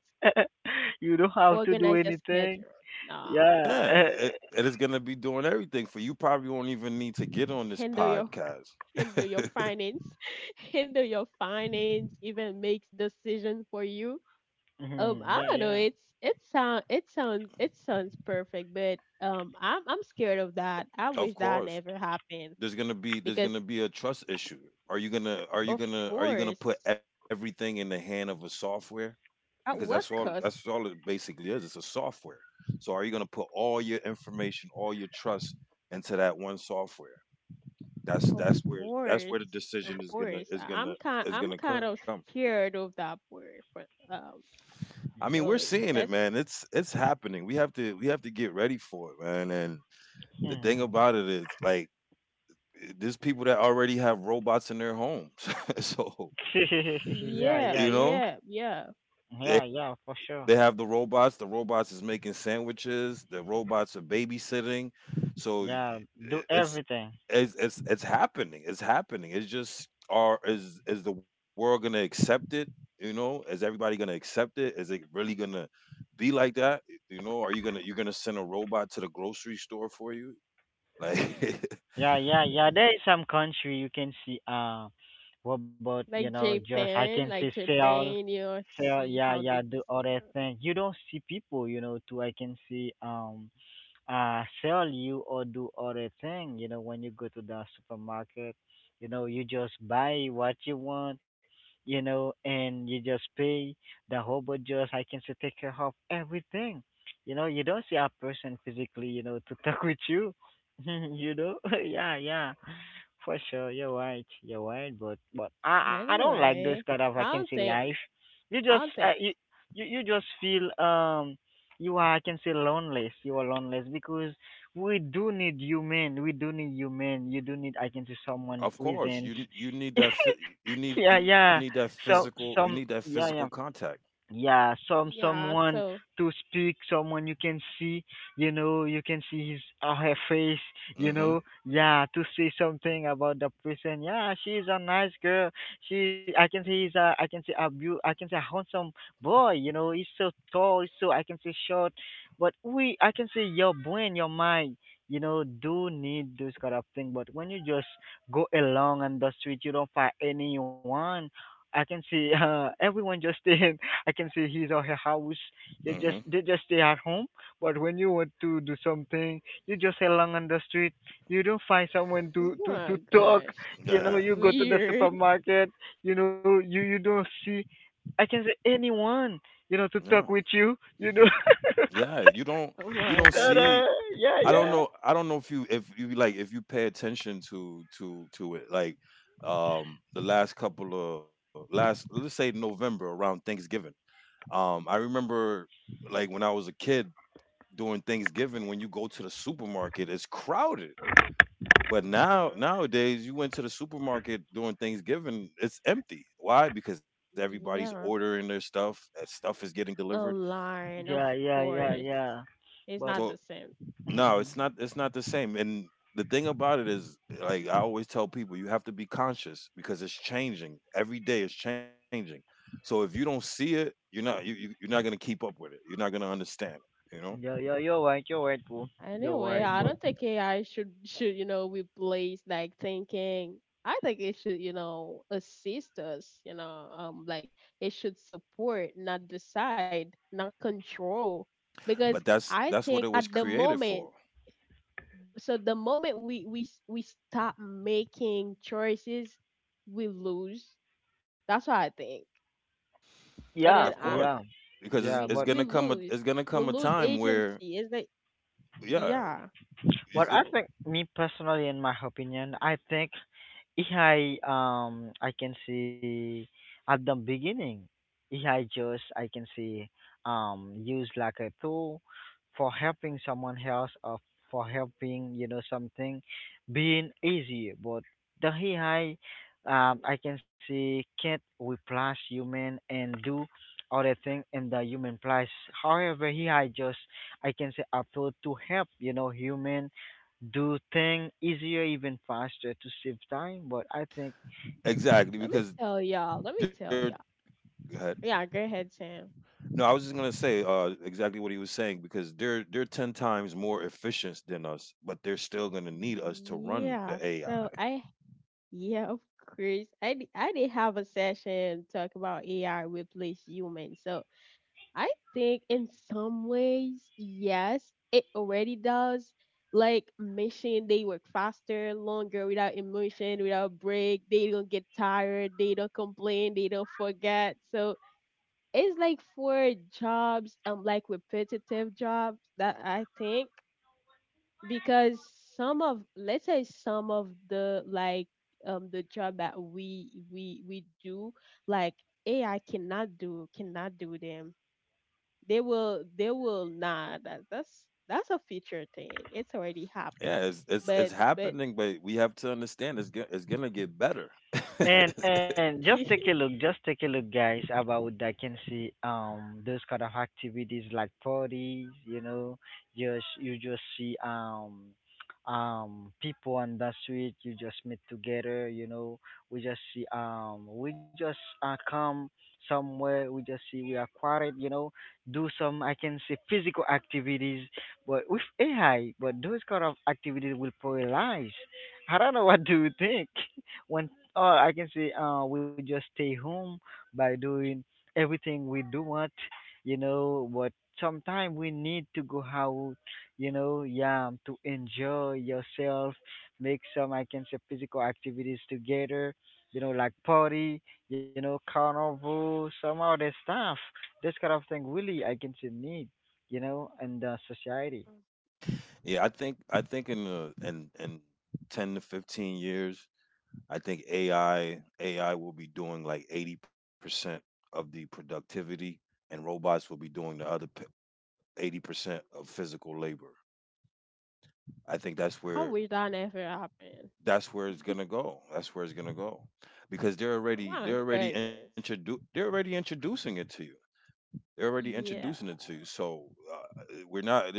Speaker 1: You don't have to do
Speaker 2: organize your
Speaker 1: anything.
Speaker 2: schedule. Nah,
Speaker 1: Yeah.
Speaker 3: yeah, it, it is gonna be doing everything for you. Probably won't even need to get on this
Speaker 2: handle your
Speaker 3: podcast.
Speaker 2: handle your finance, handle your finance, even makes decisions for you.
Speaker 1: Mhm,
Speaker 2: I
Speaker 1: yeah,
Speaker 2: don't know.
Speaker 1: yeah.
Speaker 2: It's it sound it sounds perfect, but I'm scared of that. I
Speaker 3: Of
Speaker 2: wish that
Speaker 3: course,
Speaker 2: never happened
Speaker 3: there's
Speaker 2: because
Speaker 3: gonna be a trust issue.
Speaker 2: of
Speaker 3: Are you gonna put
Speaker 2: course,
Speaker 3: everything in the hand of a software? Because
Speaker 2: at what
Speaker 3: that's
Speaker 2: cost?
Speaker 3: all it basically is, it's a software. So are you going to put all your information, all your trust into that one software?
Speaker 2: Of
Speaker 3: That's where the
Speaker 2: course, of
Speaker 3: decision is going to
Speaker 2: course. I- I'm kind
Speaker 3: is going
Speaker 2: I'm
Speaker 3: to come.
Speaker 2: kind of scared of that word, but
Speaker 3: I mean, we're seeing it,
Speaker 2: that's
Speaker 3: man. It's happening. We have to get ready for it, man. And the thing
Speaker 1: Mhm.
Speaker 3: about it is like, there's people that already have robots in their homes. So
Speaker 1: Yeah,
Speaker 3: you
Speaker 1: yeah,
Speaker 2: yeah,
Speaker 3: know
Speaker 1: yeah,
Speaker 2: well, yeah, yeah.
Speaker 3: they —
Speaker 1: yeah, yeah for
Speaker 3: they
Speaker 1: sure.
Speaker 3: have the robots is making sandwiches, the robots are babysitting. So
Speaker 1: Yeah, do
Speaker 3: it's
Speaker 1: everything.
Speaker 3: it's happening. It's happening. It's just, are is the world going to accept it? You know, is everybody going to accept it? Is it really going to be like that? You know, are you going to you're going to send a robot to the grocery store for you? Like
Speaker 1: Yeah, yeah, yeah. There is some country you can see. What about, you know, just I can say
Speaker 2: Like
Speaker 1: sell,
Speaker 2: Japan, you'll
Speaker 1: sell.
Speaker 2: see
Speaker 1: Yeah,
Speaker 2: how they
Speaker 1: yeah. Do
Speaker 2: use
Speaker 1: other
Speaker 2: it.
Speaker 1: things. You don't see people, you know. Too I can see. Sell you or do other thing, you know, when you go to the supermarket, you know, you just buy what you want, you know, and you just pay. The robot just I can say take care of everything, you know. You don't see a person physically, you know, to talk with you. You know. Yeah, yeah, for sure, you're right. You're right, but
Speaker 2: Yeah.
Speaker 1: I don't like those
Speaker 2: Anyway,
Speaker 1: kind of
Speaker 2: I don't
Speaker 1: vacancy
Speaker 2: think,
Speaker 1: life. You
Speaker 2: I
Speaker 1: just
Speaker 2: don't think.
Speaker 1: you you just feel you are I can say loneless. You are loneless because we do need human. We do need human. You do need I can say someone
Speaker 3: Of course,
Speaker 1: presence.
Speaker 3: you need
Speaker 1: Yeah,
Speaker 3: that
Speaker 1: yeah.
Speaker 3: physical,
Speaker 1: So
Speaker 3: you need that
Speaker 1: some,
Speaker 3: physical
Speaker 1: yeah, yeah,
Speaker 3: contact.
Speaker 1: yeah, some
Speaker 2: Yeah.
Speaker 1: someone
Speaker 2: So,
Speaker 1: to speak, someone you can see, you know, you can see his or her face, you
Speaker 3: Mhm.
Speaker 1: know. Yeah, to say something about the person. Yeah, she's a nice girl. She, I can say, he's a I can say a beau- I can say a handsome boy, you know. He's so tall, he's so I can say short, but we I can say your brain, your mind, you know, do need those kind of thing. But when you just go along on the street, you don't find anyone. I can see everyone just stay I can say his or her house. They just
Speaker 3: Mhm.
Speaker 1: they just stay at home. But when you want to do something, you just along on the street. You don't find someone
Speaker 2: oh
Speaker 1: to
Speaker 2: my
Speaker 1: talk.
Speaker 2: gosh,
Speaker 1: You
Speaker 2: that's
Speaker 1: know,
Speaker 3: Yeah.
Speaker 1: you go to the
Speaker 2: weird.
Speaker 1: supermarket. You know, you don't see. I can say anyone. You know, to
Speaker 3: Yeah.
Speaker 1: talk with you. You know.
Speaker 3: Yeah,
Speaker 2: Oh
Speaker 3: you
Speaker 2: my
Speaker 3: don't
Speaker 1: But,
Speaker 2: gosh.
Speaker 3: see
Speaker 1: yeah,
Speaker 3: I don't
Speaker 1: yeah,
Speaker 3: know. I don't know if you, if you like, if you pay attention to it. Like the last couple of last, let's say November around Thanksgiving. I remember like when I was a kid, during Thanksgiving when you go to the supermarket it's crowded. But now
Speaker 2: Hmm.
Speaker 3: nowadays you went to the supermarket during Thanksgiving it's empty. Why? Because everybody's ordering
Speaker 2: Yeah,
Speaker 3: their stuff. Stuff is getting delivered.
Speaker 2: online, of
Speaker 1: yeah, yeah, yeah,
Speaker 2: course.
Speaker 1: yeah.
Speaker 2: It's
Speaker 1: But
Speaker 2: not
Speaker 3: So
Speaker 2: the same.
Speaker 3: no, it's not the same. And the thing about it is like, I always tell people you have to be conscious because it's changing. Every day is changing. So if you don't see it, you're not you're not going to keep up with it. You're not going to understand it, you know?
Speaker 1: yeah, yeah, you're right. You're right, bro. You're
Speaker 2: Anyway,
Speaker 1: right.
Speaker 2: I
Speaker 1: But
Speaker 2: don't think AI should should you know replace like thinking. I think it should you know assist us. Like it should support, not decide, not control. Because
Speaker 3: But that's
Speaker 2: I
Speaker 3: what it
Speaker 2: think
Speaker 3: was
Speaker 2: at the
Speaker 3: created
Speaker 2: moment,
Speaker 3: for.
Speaker 2: the moment we stop making choices, we lose. That's what I think.
Speaker 1: yeah,
Speaker 2: And
Speaker 3: Of
Speaker 2: then I
Speaker 1: yeah,
Speaker 3: course,
Speaker 1: yeah.
Speaker 3: because
Speaker 2: we
Speaker 1: But
Speaker 3: it's going
Speaker 2: we
Speaker 3: to come
Speaker 2: lose
Speaker 3: it's going to
Speaker 2: we
Speaker 3: come a
Speaker 2: lose
Speaker 3: time where
Speaker 2: agency. It's like
Speaker 3: yeah,
Speaker 2: yeah.
Speaker 1: But
Speaker 3: is
Speaker 1: I
Speaker 3: it
Speaker 2: So
Speaker 1: think me personally, in my opinion, I think AI I can see at the beginning AI just I can see used like a tool for helping someone else or for helping you know something being easy. But the AI I can see can't replace human and do other thing in the human place. However AI just I can say a tool to help, you know, human do thing easier, even faster to save time. But I think.
Speaker 3: exactly
Speaker 2: let me
Speaker 3: because
Speaker 2: tell y'all. Let me
Speaker 3: they're
Speaker 2: tell y'all. Yeah, go ahead, Sam.
Speaker 3: no, I was just gonna say exactly what he was saying, because they're ten times more efficient than us, but they're still gonna need us to run
Speaker 2: Yeah.
Speaker 3: the AI.
Speaker 2: So I yeah, of course. I did have a session talk about AI replace humans. So I think in some ways, yes, it already does. Like mission, they work faster, longer, without emotion, without break. They don't get tired. They don't complain. They don't forget. So it's like for jobs, like repetitive jobs that I think because some of let's say some of the like the job that we do like AI cannot do them. They will not. That's that's a future thing. It's already happened.
Speaker 3: Yeah, it's
Speaker 2: But
Speaker 3: happening, but we have to understand it's gonna get better.
Speaker 1: And just take a look, just take a look, guys. About I can see those kind of activities like parties, you know, just you just see people on the street, you just meet together, you know. We just see we just come somewhere, we just see we are quiet, you know, do some I can say physical activities, but with AI, but those kind of activities will polarize. I don't know what do you think. When or I can say we just stay home by doing everything we do want, you know. But sometimes we need to go out, you know, yeah, to enjoy yourself, make some I can say physical activities together, you know, like party, you know, carnival, some other stuff. This kind of thing really I can say need, you know, in the society.
Speaker 3: Yeah, I think in in 10 to 15 years, I think AI will be doing like 80% of the productivity, and robots will be doing the other 80% of physical labor. I think that's
Speaker 2: I
Speaker 3: where
Speaker 2: wish that never happened.
Speaker 3: it's gonna go. That's where it's gonna go, because
Speaker 2: Oh my goodness.
Speaker 3: they're already introducing it to you. They're already
Speaker 2: Yeah.
Speaker 3: introducing it to you. So we're not —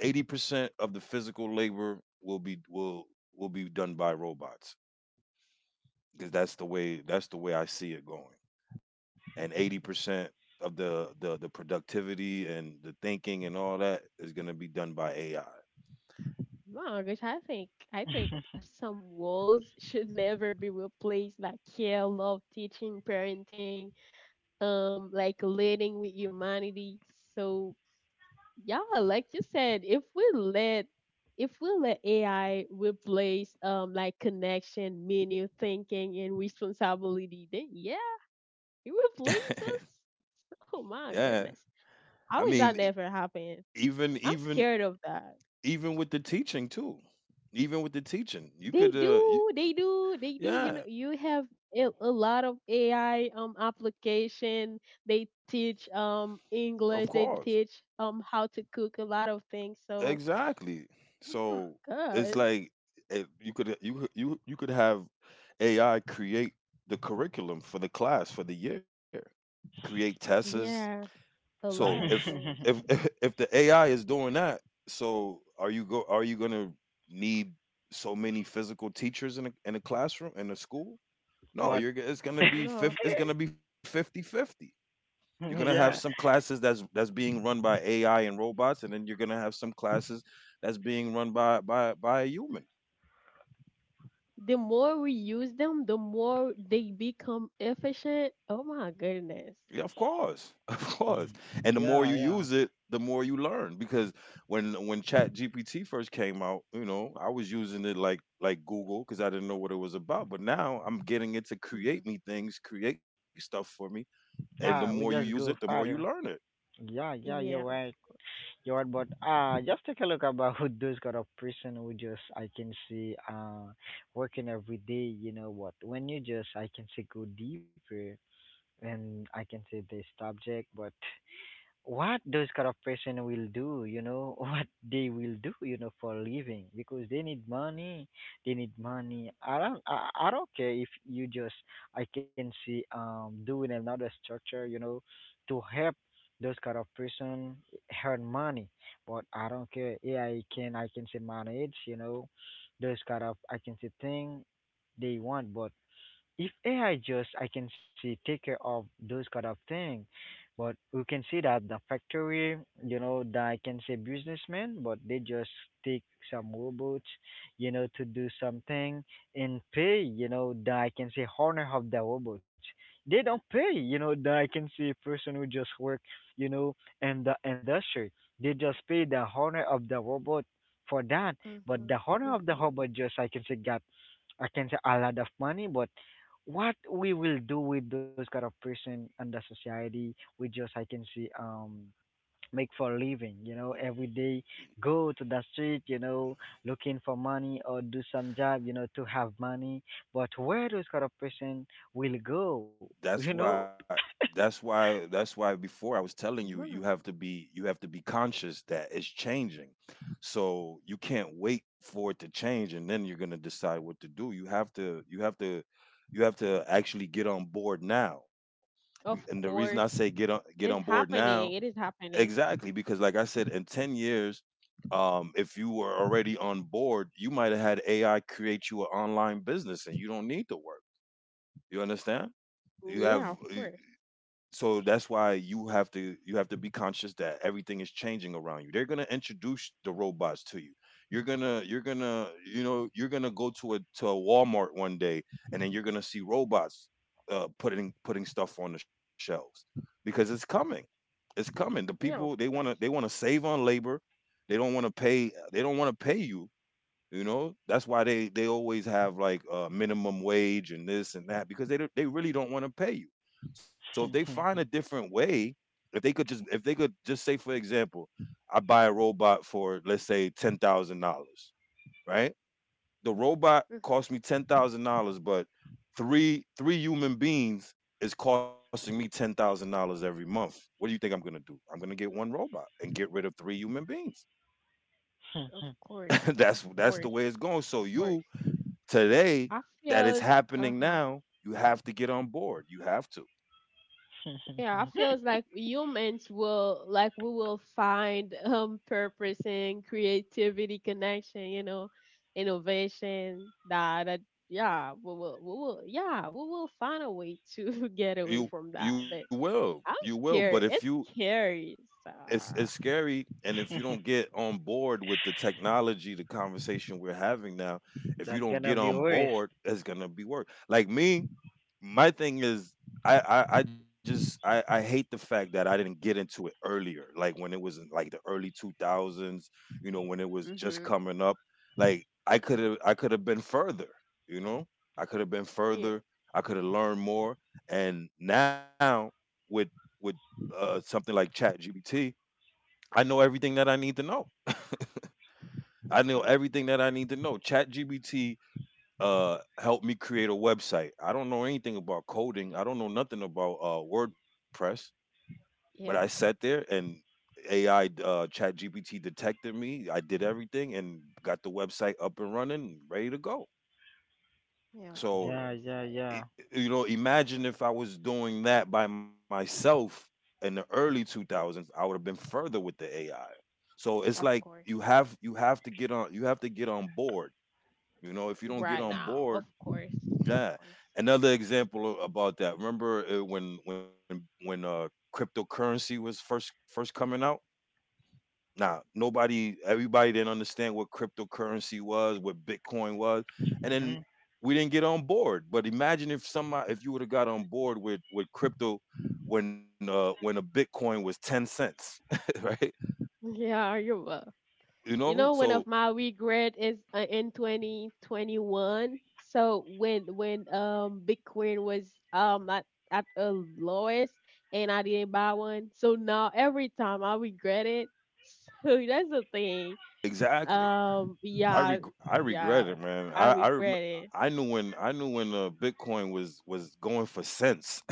Speaker 3: 80% of the physical labor will be done by robots, because that's the way I see it going. And 80% of the productivity and the thinking and all that is gonna be done by AI.
Speaker 2: My gosh, I think some roles should never be replaced like care, love, teaching, parenting, like leading with humanity. So yeah, like you said, if we let AI replace, like connection, meaning, thinking and responsibility, then yeah, it replaces us. Oh my
Speaker 3: Yeah,
Speaker 2: goodness,
Speaker 3: I
Speaker 2: I wish
Speaker 3: mean,
Speaker 2: that never happened.
Speaker 3: even
Speaker 2: I'm
Speaker 3: even
Speaker 2: scared of that.
Speaker 3: even with the teaching too, even with the teaching you
Speaker 2: They
Speaker 3: could
Speaker 2: do, they do, they do. You know,
Speaker 3: yeah,
Speaker 2: you have a lot of AI application. They teach
Speaker 3: of
Speaker 2: English. They
Speaker 3: course,
Speaker 2: teach how to cook a lot of things. So,
Speaker 3: exactly.
Speaker 2: oh
Speaker 3: So it's
Speaker 2: gosh,
Speaker 3: like you could you you could have AI create the curriculum for the class for the year, create tests.
Speaker 2: yeah, a
Speaker 3: So
Speaker 2: lot of things.
Speaker 3: if if the AI is doing that, so are you go are you going to need so many physical teachers in a classroom in a school? No,
Speaker 1: But
Speaker 3: it's going to be
Speaker 2: No,
Speaker 3: it's going to be 50 50. You're gonna have some
Speaker 1: yeah,
Speaker 3: classes that's being run by AI and robots, and then you're gonna have some classes that's being run by a human.
Speaker 2: the more we use them, the more they become efficient. Oh my
Speaker 3: Yeah,
Speaker 2: goodness.
Speaker 3: of course, of course. And the more you
Speaker 1: yeah,
Speaker 3: use
Speaker 1: yeah,
Speaker 3: it, the more you learn. Because when Chat GPT first came out, you know, I was using it like Google because I didn't know what it was about. But now I'm getting it to create
Speaker 2: Hmm.
Speaker 3: me things, create stuff for me. And the
Speaker 1: yeah.
Speaker 3: more
Speaker 1: We
Speaker 3: you
Speaker 1: just
Speaker 3: use it,
Speaker 1: go
Speaker 3: the more you
Speaker 1: farther.
Speaker 3: learn it.
Speaker 1: Yeah, yeah, you're
Speaker 2: Yeah.
Speaker 1: right. You're right, but just take a look about who those kind of person who just I can see working every day, you know what? When you just I can say go deeper and I can say this subject, but what those kind of person will do, you know, what they will do, you know, for living because they need money. They need money. I don't care if you just I can see doing another structure, you know, to help those kind of person earn money. But I don't care. Yeah, I can say manage, you know, those kind of I can say thing they want, but if AI just I can see take care of those kind of thing, but we can see that the factory, you know, that I can say businessmen, but they just take some robots, you know, to do something and pay, you know, that I can say honor of the robots. They don't pay, you know, that I can see person who just work, you know, in the industry. They just pay the honor of the robot for that, but the honor of the
Speaker 2: Mm-hmm.
Speaker 1: robot just I can say got I can say a lot of money, but what we will do with those kind of person and the society, we just I can see make for a living, you know, every day go to the street, you know, looking for money or do some job, you know, to have money. But where those kind of person will go, you know,
Speaker 3: that's why that's why before I was telling you,
Speaker 2: Mm-hmm.
Speaker 3: you have to be conscious that it's changing. So you can't wait for it to change and then you're going to decide what to do. You have to you have to actually get on board now. And the
Speaker 2: Of
Speaker 3: reason I say
Speaker 2: course,
Speaker 3: get on
Speaker 2: it's
Speaker 3: board now,
Speaker 2: happening. It is happening.
Speaker 3: exactly, because like I said, in 10 years if you were already on board, you might have had AI create you an online business and you don't need to work. You understand? You have
Speaker 2: Yeah, of course.
Speaker 3: So that's why you have to be conscious that everything is changing around you. They're going to introduce the robots to you, you're going to you know, you're going to go to a Walmart one day and then you're going to see robots putting stuff on the shelves, because it's coming. It's coming. The people,
Speaker 2: Yeah, of
Speaker 3: they want to
Speaker 2: course.
Speaker 3: save on labor. They don't want to pay, you. You know, that's why they always have like minimum wage and this and that, because they really don't want to pay you. So if they find a different way, if they could just say for example, I buy a robot for let's say $10,000, right? The robot
Speaker 2: Mhm.
Speaker 3: cost me $10,000, but three human beings is costing me $10,000 every month. What do you think I'm gonna do? I'm gonna get one robot and get rid of three human beings.
Speaker 2: Of course. Of
Speaker 3: That's the
Speaker 2: course.
Speaker 3: way it's going.
Speaker 2: Of
Speaker 3: So
Speaker 2: course.
Speaker 3: you today,
Speaker 2: I
Speaker 3: that it's
Speaker 2: feels
Speaker 3: happening
Speaker 2: uh-huh.
Speaker 3: now, you have to get on board. You have to.
Speaker 2: Yeah, I feels like humans will like we will find purpose and creativity connection, you know, innovation that, we will yeah, we will find a way to get away from
Speaker 3: You
Speaker 2: that. But I'm
Speaker 3: You will. But
Speaker 2: scared.
Speaker 3: if
Speaker 2: It's
Speaker 3: you —
Speaker 2: scary. So.
Speaker 3: it's scary, and if you don't get on board with the technology, the conversation we're having now, if you
Speaker 1: that
Speaker 3: don't
Speaker 1: gonna
Speaker 3: get
Speaker 1: be
Speaker 3: on
Speaker 1: worse.
Speaker 3: board it's gonna be work. Like me, my thing is, I just I hate the fact that I didn't get into it earlier, like when it was in like the early 2000s, you know, when it was just
Speaker 2: Mhm.
Speaker 3: coming up. Like I could
Speaker 2: Mhm.
Speaker 3: have been further, you know, I could have been
Speaker 2: Yeah.
Speaker 3: further, I could have learned more. And now with with something like Chat GBT, I know everything that I need to know. I know
Speaker 2: Mhm.
Speaker 3: everything that I need to know. ChatGPT helped me create a website. I don't know anything about coding. I don't know nothing about WordPress, but I sat
Speaker 2: Yeah.
Speaker 3: there and AI, ChatGPT detected me. I did everything and got the website up and running, ready to go.
Speaker 2: Yeah, of
Speaker 3: So
Speaker 2: course.
Speaker 1: Yeah,
Speaker 2: I
Speaker 1: yeah,
Speaker 2: am.
Speaker 3: i-
Speaker 1: yeah.
Speaker 3: you know,
Speaker 2: That's
Speaker 3: imagine if
Speaker 2: nice.
Speaker 3: I was doing that by myself in the early 2000s, I would have been further with the AI. So it's
Speaker 2: Of
Speaker 3: like
Speaker 2: course.
Speaker 3: you have to get on you have to get on board. You know, if you don't get
Speaker 2: Right
Speaker 3: on
Speaker 2: now. Of
Speaker 3: board,
Speaker 2: course. Of
Speaker 3: yeah.
Speaker 2: course.
Speaker 3: Another example about that. Remember when cryptocurrency was first coming out? Nah, everybody didn't understand what cryptocurrency was, what Bitcoin was, and then
Speaker 1: hmm
Speaker 3: we didn't get on board. But imagine if somebody, if you would have got on board with crypto when a Bitcoin was 10 cents, right?
Speaker 2: Yeah, you will.
Speaker 3: You
Speaker 2: You
Speaker 3: know,
Speaker 2: know, one
Speaker 3: so
Speaker 2: of my regret is in 2021. So when Bitcoin was at a lowest and I didn't buy one. So now every time I regret it. So that's the thing.
Speaker 3: exactly.
Speaker 2: Yeah,
Speaker 3: I regret
Speaker 2: yeah,
Speaker 3: it, man.
Speaker 2: I regret it.
Speaker 3: I knew when Bitcoin was going for cents.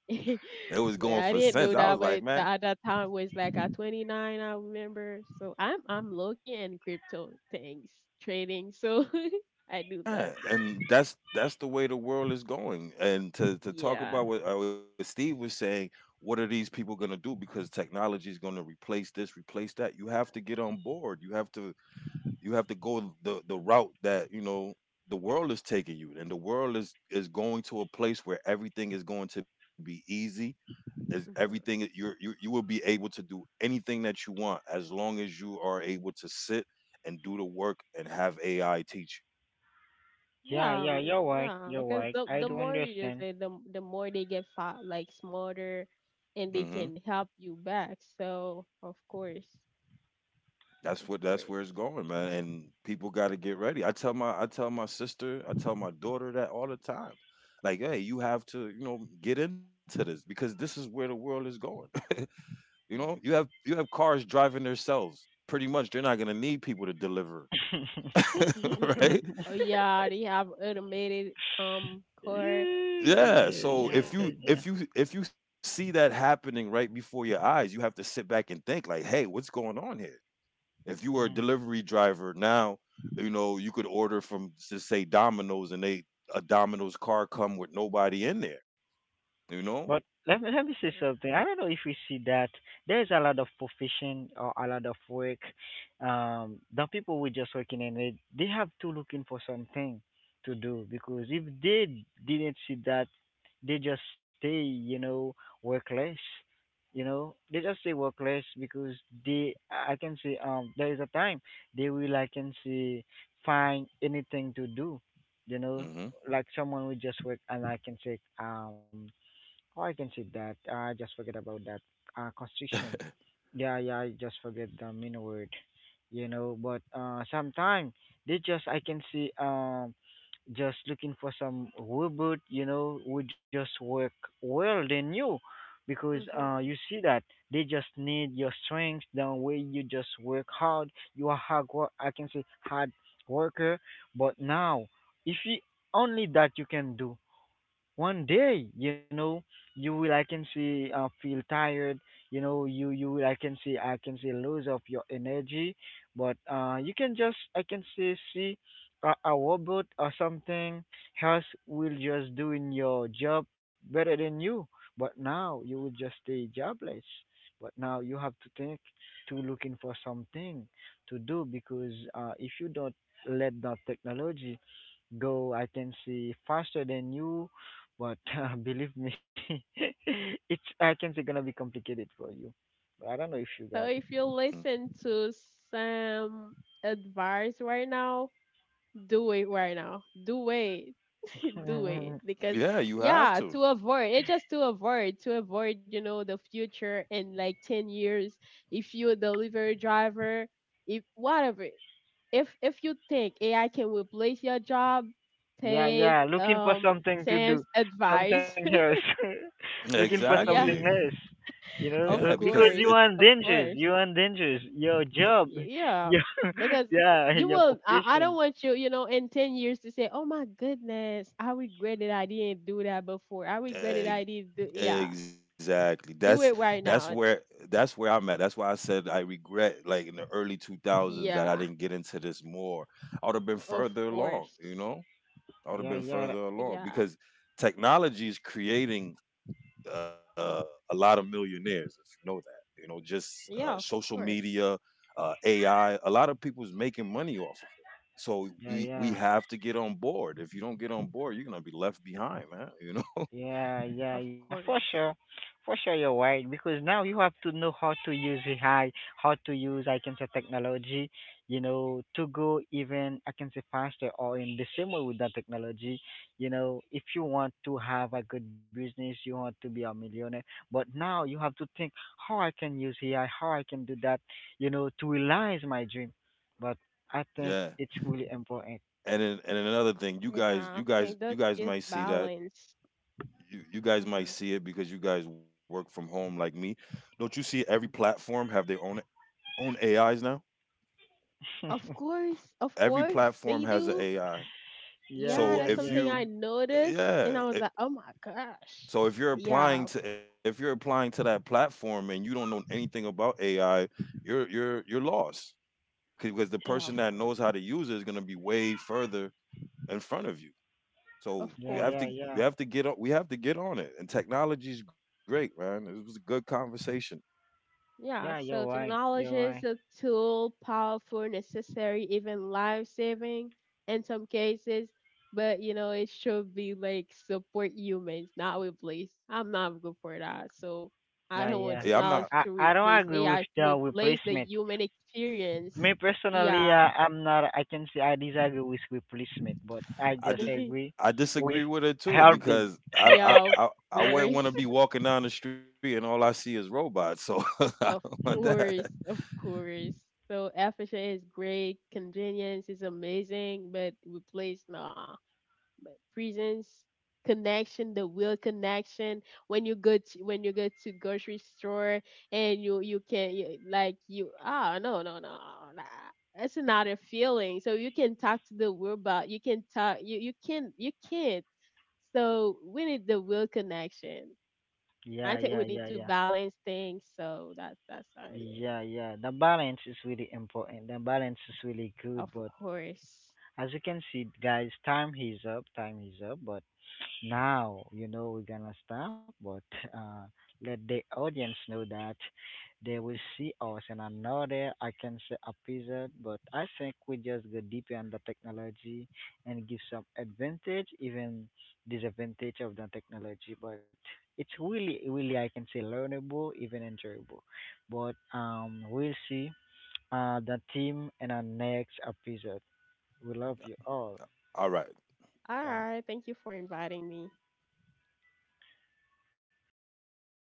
Speaker 3: It was going for
Speaker 2: But I
Speaker 3: cents. I
Speaker 2: didn't
Speaker 3: was
Speaker 2: know
Speaker 3: like,
Speaker 2: that,
Speaker 3: man,
Speaker 2: but at that time was like at 29, I remember. So I'm looking in crypto things, trading. So I do
Speaker 3: yeah,
Speaker 2: love them.
Speaker 3: and that's the way the world is going. And to talk
Speaker 2: Yeah.
Speaker 3: about what Steve was saying, what are these people going to do? Because technology is going to replace this, replace that. You have to get on board. You have to go the route that you know the world is taking you, and the world is going to a place where everything is going to be easy.
Speaker 2: Mhm.
Speaker 3: You're you will be able to do anything that you want, as long as you are able to sit and do the work and have AI teach
Speaker 1: Yeah,
Speaker 2: Yeah,
Speaker 1: yeah, you're right,
Speaker 2: yeah,
Speaker 1: you're
Speaker 2: because
Speaker 1: right.
Speaker 2: the
Speaker 1: I
Speaker 2: the
Speaker 1: do
Speaker 2: more you just
Speaker 1: understand.
Speaker 2: say, the more they get like smarter,
Speaker 3: you. Mm-hmm.
Speaker 2: and they can help you back. So of course,
Speaker 3: That's
Speaker 2: of
Speaker 3: what that's
Speaker 2: course.
Speaker 3: where it's going, man. And people got to get ready. I tell my sister, I tell my daughter that all the time. Like, hey, you have to, you know, get into this because this is where the world is going. You know, you have cars driving themselves. Pretty much, they're not gonna need people to deliver,
Speaker 1: Yeah,
Speaker 3: right?
Speaker 2: Oh yeah, they have automated core.
Speaker 1: yeah,
Speaker 3: Yeah. So
Speaker 1: yeah.
Speaker 2: Yeah.
Speaker 1: Yeah.
Speaker 3: if you see that happening right before your eyes, you have to sit back and think like, hey, what's going on here? If you were a
Speaker 1: Mm.
Speaker 3: delivery driver now, you know, you could order from just say Domino's and they — a Domino's car come with nobody in there, you
Speaker 1: But
Speaker 3: know?
Speaker 1: let me say something. I don't know if you see that there's a lot of profession or a lot of work. The people who just working in it, they have to looking for something to do because if they didn't see that, they just stay, you know, workless. You know, they just stay workless because they, I can say, there is a time they will, I can say, find anything to do. You
Speaker 3: Hmm.
Speaker 1: know, like someone who just work and I can say, oh, I can see that. I just forget about that. Constriction. Yeah, yeah, I just forget the main word. You know, but sometimes they just I can see just looking for some robot. You know, who just work well than you, because
Speaker 2: Hmm.
Speaker 1: you see that they just need your strength. The way you just work hard, you are hard. I can say hard worker. But now, if you only that you can do one day, you know, you will I can see feel tired, you know, you will I can see I can see lose of your energy, but you can just I can see see a robot or something else will just doing your job better than you, but now you will just stay jobless, but now you have to think to looking for something to do because if you don't let the technology go I can see faster than you, but believe me, it's I can say gonna be complicated for you. But I don't know if you
Speaker 2: So
Speaker 1: got it.
Speaker 2: if you listen to some advice right now, do it right now. Do it. Do it
Speaker 1: Mm,
Speaker 2: because
Speaker 3: Yeah, you have
Speaker 2: yeah,
Speaker 3: to.
Speaker 2: to avoid it, just to avoid, to avoid, you know, the future in like 10 years, if you're a delivery driver, if whatever, if you think AI can replace your job,
Speaker 1: yeah,
Speaker 2: take
Speaker 1: yeah. Looking for something to
Speaker 2: Sam's
Speaker 1: do, something
Speaker 2: advice.
Speaker 1: else. Looking for something
Speaker 3: Exactly.
Speaker 2: Yeah,
Speaker 1: else. You
Speaker 2: of
Speaker 1: know,
Speaker 3: Yeah,
Speaker 2: course,
Speaker 1: because
Speaker 3: because
Speaker 1: you
Speaker 2: of
Speaker 1: are in
Speaker 2: course.
Speaker 1: dangers. You are in dangers. Your
Speaker 2: Yeah,
Speaker 1: job,
Speaker 2: yeah,
Speaker 1: your
Speaker 2: because
Speaker 1: yeah,
Speaker 2: you
Speaker 1: your
Speaker 2: will. I don't
Speaker 1: profession.
Speaker 2: want you, you know, in 10 years to say, oh my goodness, I regretted I didn't do that before. I regretted I didn't
Speaker 3: e-
Speaker 2: do, yeah,
Speaker 3: exactly.
Speaker 2: do it
Speaker 3: That's
Speaker 2: right now.
Speaker 3: where I'm at. That's why I said I regret like in the early 2000s that
Speaker 2: Yeah,
Speaker 3: I didn't get into this more. I would have been
Speaker 2: of
Speaker 3: further along,
Speaker 2: course.
Speaker 3: you know? I would have
Speaker 1: Yeah,
Speaker 3: been
Speaker 1: yeah,
Speaker 3: further along
Speaker 2: Yeah,
Speaker 3: because technology is creating uh, a lot of millionaires, if you know that. You know, just
Speaker 2: yeah, of
Speaker 3: social
Speaker 2: course.
Speaker 3: media, AI. A lot of people's making money off of it. So
Speaker 1: yeah,
Speaker 3: we
Speaker 1: yeah.
Speaker 3: have to get on board. If you don't get on board, you're gonna be left behind, man. You know.
Speaker 1: Yeah, yeah,
Speaker 2: Of
Speaker 1: yeah, for
Speaker 2: course.
Speaker 1: sure. For sure, you're right. Because now you have to know how to use AI, how to use, I can say, technology, you know, to go even, I can say, faster or in the same way with that technology. You know, if you want to have a good business, you want to be a millionaire. But now you have to think how I can use AI, how I can do that, you know, to realize my dream. But I think
Speaker 3: Yeah.
Speaker 1: it's really important.
Speaker 3: And then, and another thing, you guys,
Speaker 2: Yeah, I think that
Speaker 3: you guys
Speaker 2: is
Speaker 3: might see that
Speaker 2: balance.
Speaker 3: you guys
Speaker 2: Hmm.
Speaker 3: might see it because you guys work from home like me. Don't you see every platform have their own AIs now?
Speaker 2: Of
Speaker 3: Every
Speaker 2: course, they
Speaker 3: platform has an
Speaker 2: do.
Speaker 3: AI.
Speaker 1: Yeah,
Speaker 2: Yeah,
Speaker 3: So
Speaker 1: yeah,
Speaker 2: that's
Speaker 3: if
Speaker 1: yeah,
Speaker 2: something
Speaker 3: you,
Speaker 1: yeah.
Speaker 2: I noticed, and I
Speaker 3: yeah,
Speaker 2: was like, oh my gosh.
Speaker 3: so if you're
Speaker 2: Yeah,
Speaker 3: applying
Speaker 2: of-
Speaker 3: to that platform and you don't know anything about AI, you're lost because the
Speaker 2: yeah,
Speaker 3: person
Speaker 2: of
Speaker 3: that
Speaker 2: course.
Speaker 3: knows how to use it is going to be way further in front of you. So
Speaker 2: Of
Speaker 1: Yeah,
Speaker 2: course.
Speaker 1: yeah,
Speaker 3: you
Speaker 1: yeah.
Speaker 3: have to get on we have to get on it. And technology is great, man. It was a good conversation.
Speaker 2: Yeah,
Speaker 1: Yeah,
Speaker 2: so
Speaker 1: you're right.
Speaker 2: technology
Speaker 1: You're
Speaker 2: is
Speaker 1: right.
Speaker 2: a tool, powerful, necessary, even life saving in some cases. But you know, it should be like support humans, not replace. I'm not good for that. So
Speaker 1: Yeah,
Speaker 2: I
Speaker 3: Hey,
Speaker 2: don't
Speaker 3: I'm
Speaker 1: yeah.
Speaker 2: want
Speaker 3: not
Speaker 2: technology
Speaker 1: I
Speaker 2: to
Speaker 1: I don't
Speaker 2: replace
Speaker 1: agree with
Speaker 2: AI to
Speaker 1: the
Speaker 2: replace the
Speaker 1: replacement.
Speaker 2: human experience.
Speaker 1: Me personally,
Speaker 2: Yeah.
Speaker 1: I'm not. I can say I disagree with replacement, but I
Speaker 3: I,
Speaker 1: just
Speaker 3: di-
Speaker 1: agree
Speaker 3: I
Speaker 1: with
Speaker 3: disagree with her too
Speaker 1: helping.
Speaker 3: because
Speaker 2: Yeah, of
Speaker 3: I wouldn't
Speaker 2: course.
Speaker 3: want to be walking down the street and all I see is robots. So I
Speaker 2: Of
Speaker 3: don't want
Speaker 1: Mhm.
Speaker 2: course,
Speaker 3: that.
Speaker 2: of course. So FHA is great, convenience is amazing, but we place nah. But presence, connection, the real connection. When you go to grocery store and like you ah no nah. That's another feeling. So you can talk to the robot. You can talk. You can you can't. So we need the real connection.
Speaker 1: Yeah,
Speaker 2: I
Speaker 1: yeah,
Speaker 2: think we
Speaker 1: yeah,
Speaker 2: need to
Speaker 1: yeah.
Speaker 2: balance things. So that's our
Speaker 1: Yeah, yeah. The balance is really important. The balance is really good,
Speaker 2: of
Speaker 1: but
Speaker 2: course.
Speaker 1: as you can see, guys, time is up. Time is up, but now, you know we're gonna stop, but uh, let the audience know that they will see us in another, I can say, episode. But I think we just go deeper on the technology and give some advantage, even disadvantage of the technology. But it's really, really, I can say, learnable, even enjoyable. But we'll see the team in our next episode. We love you all.
Speaker 3: All right.
Speaker 2: All
Speaker 1: Ciao.
Speaker 2: right. Thank you for inviting me.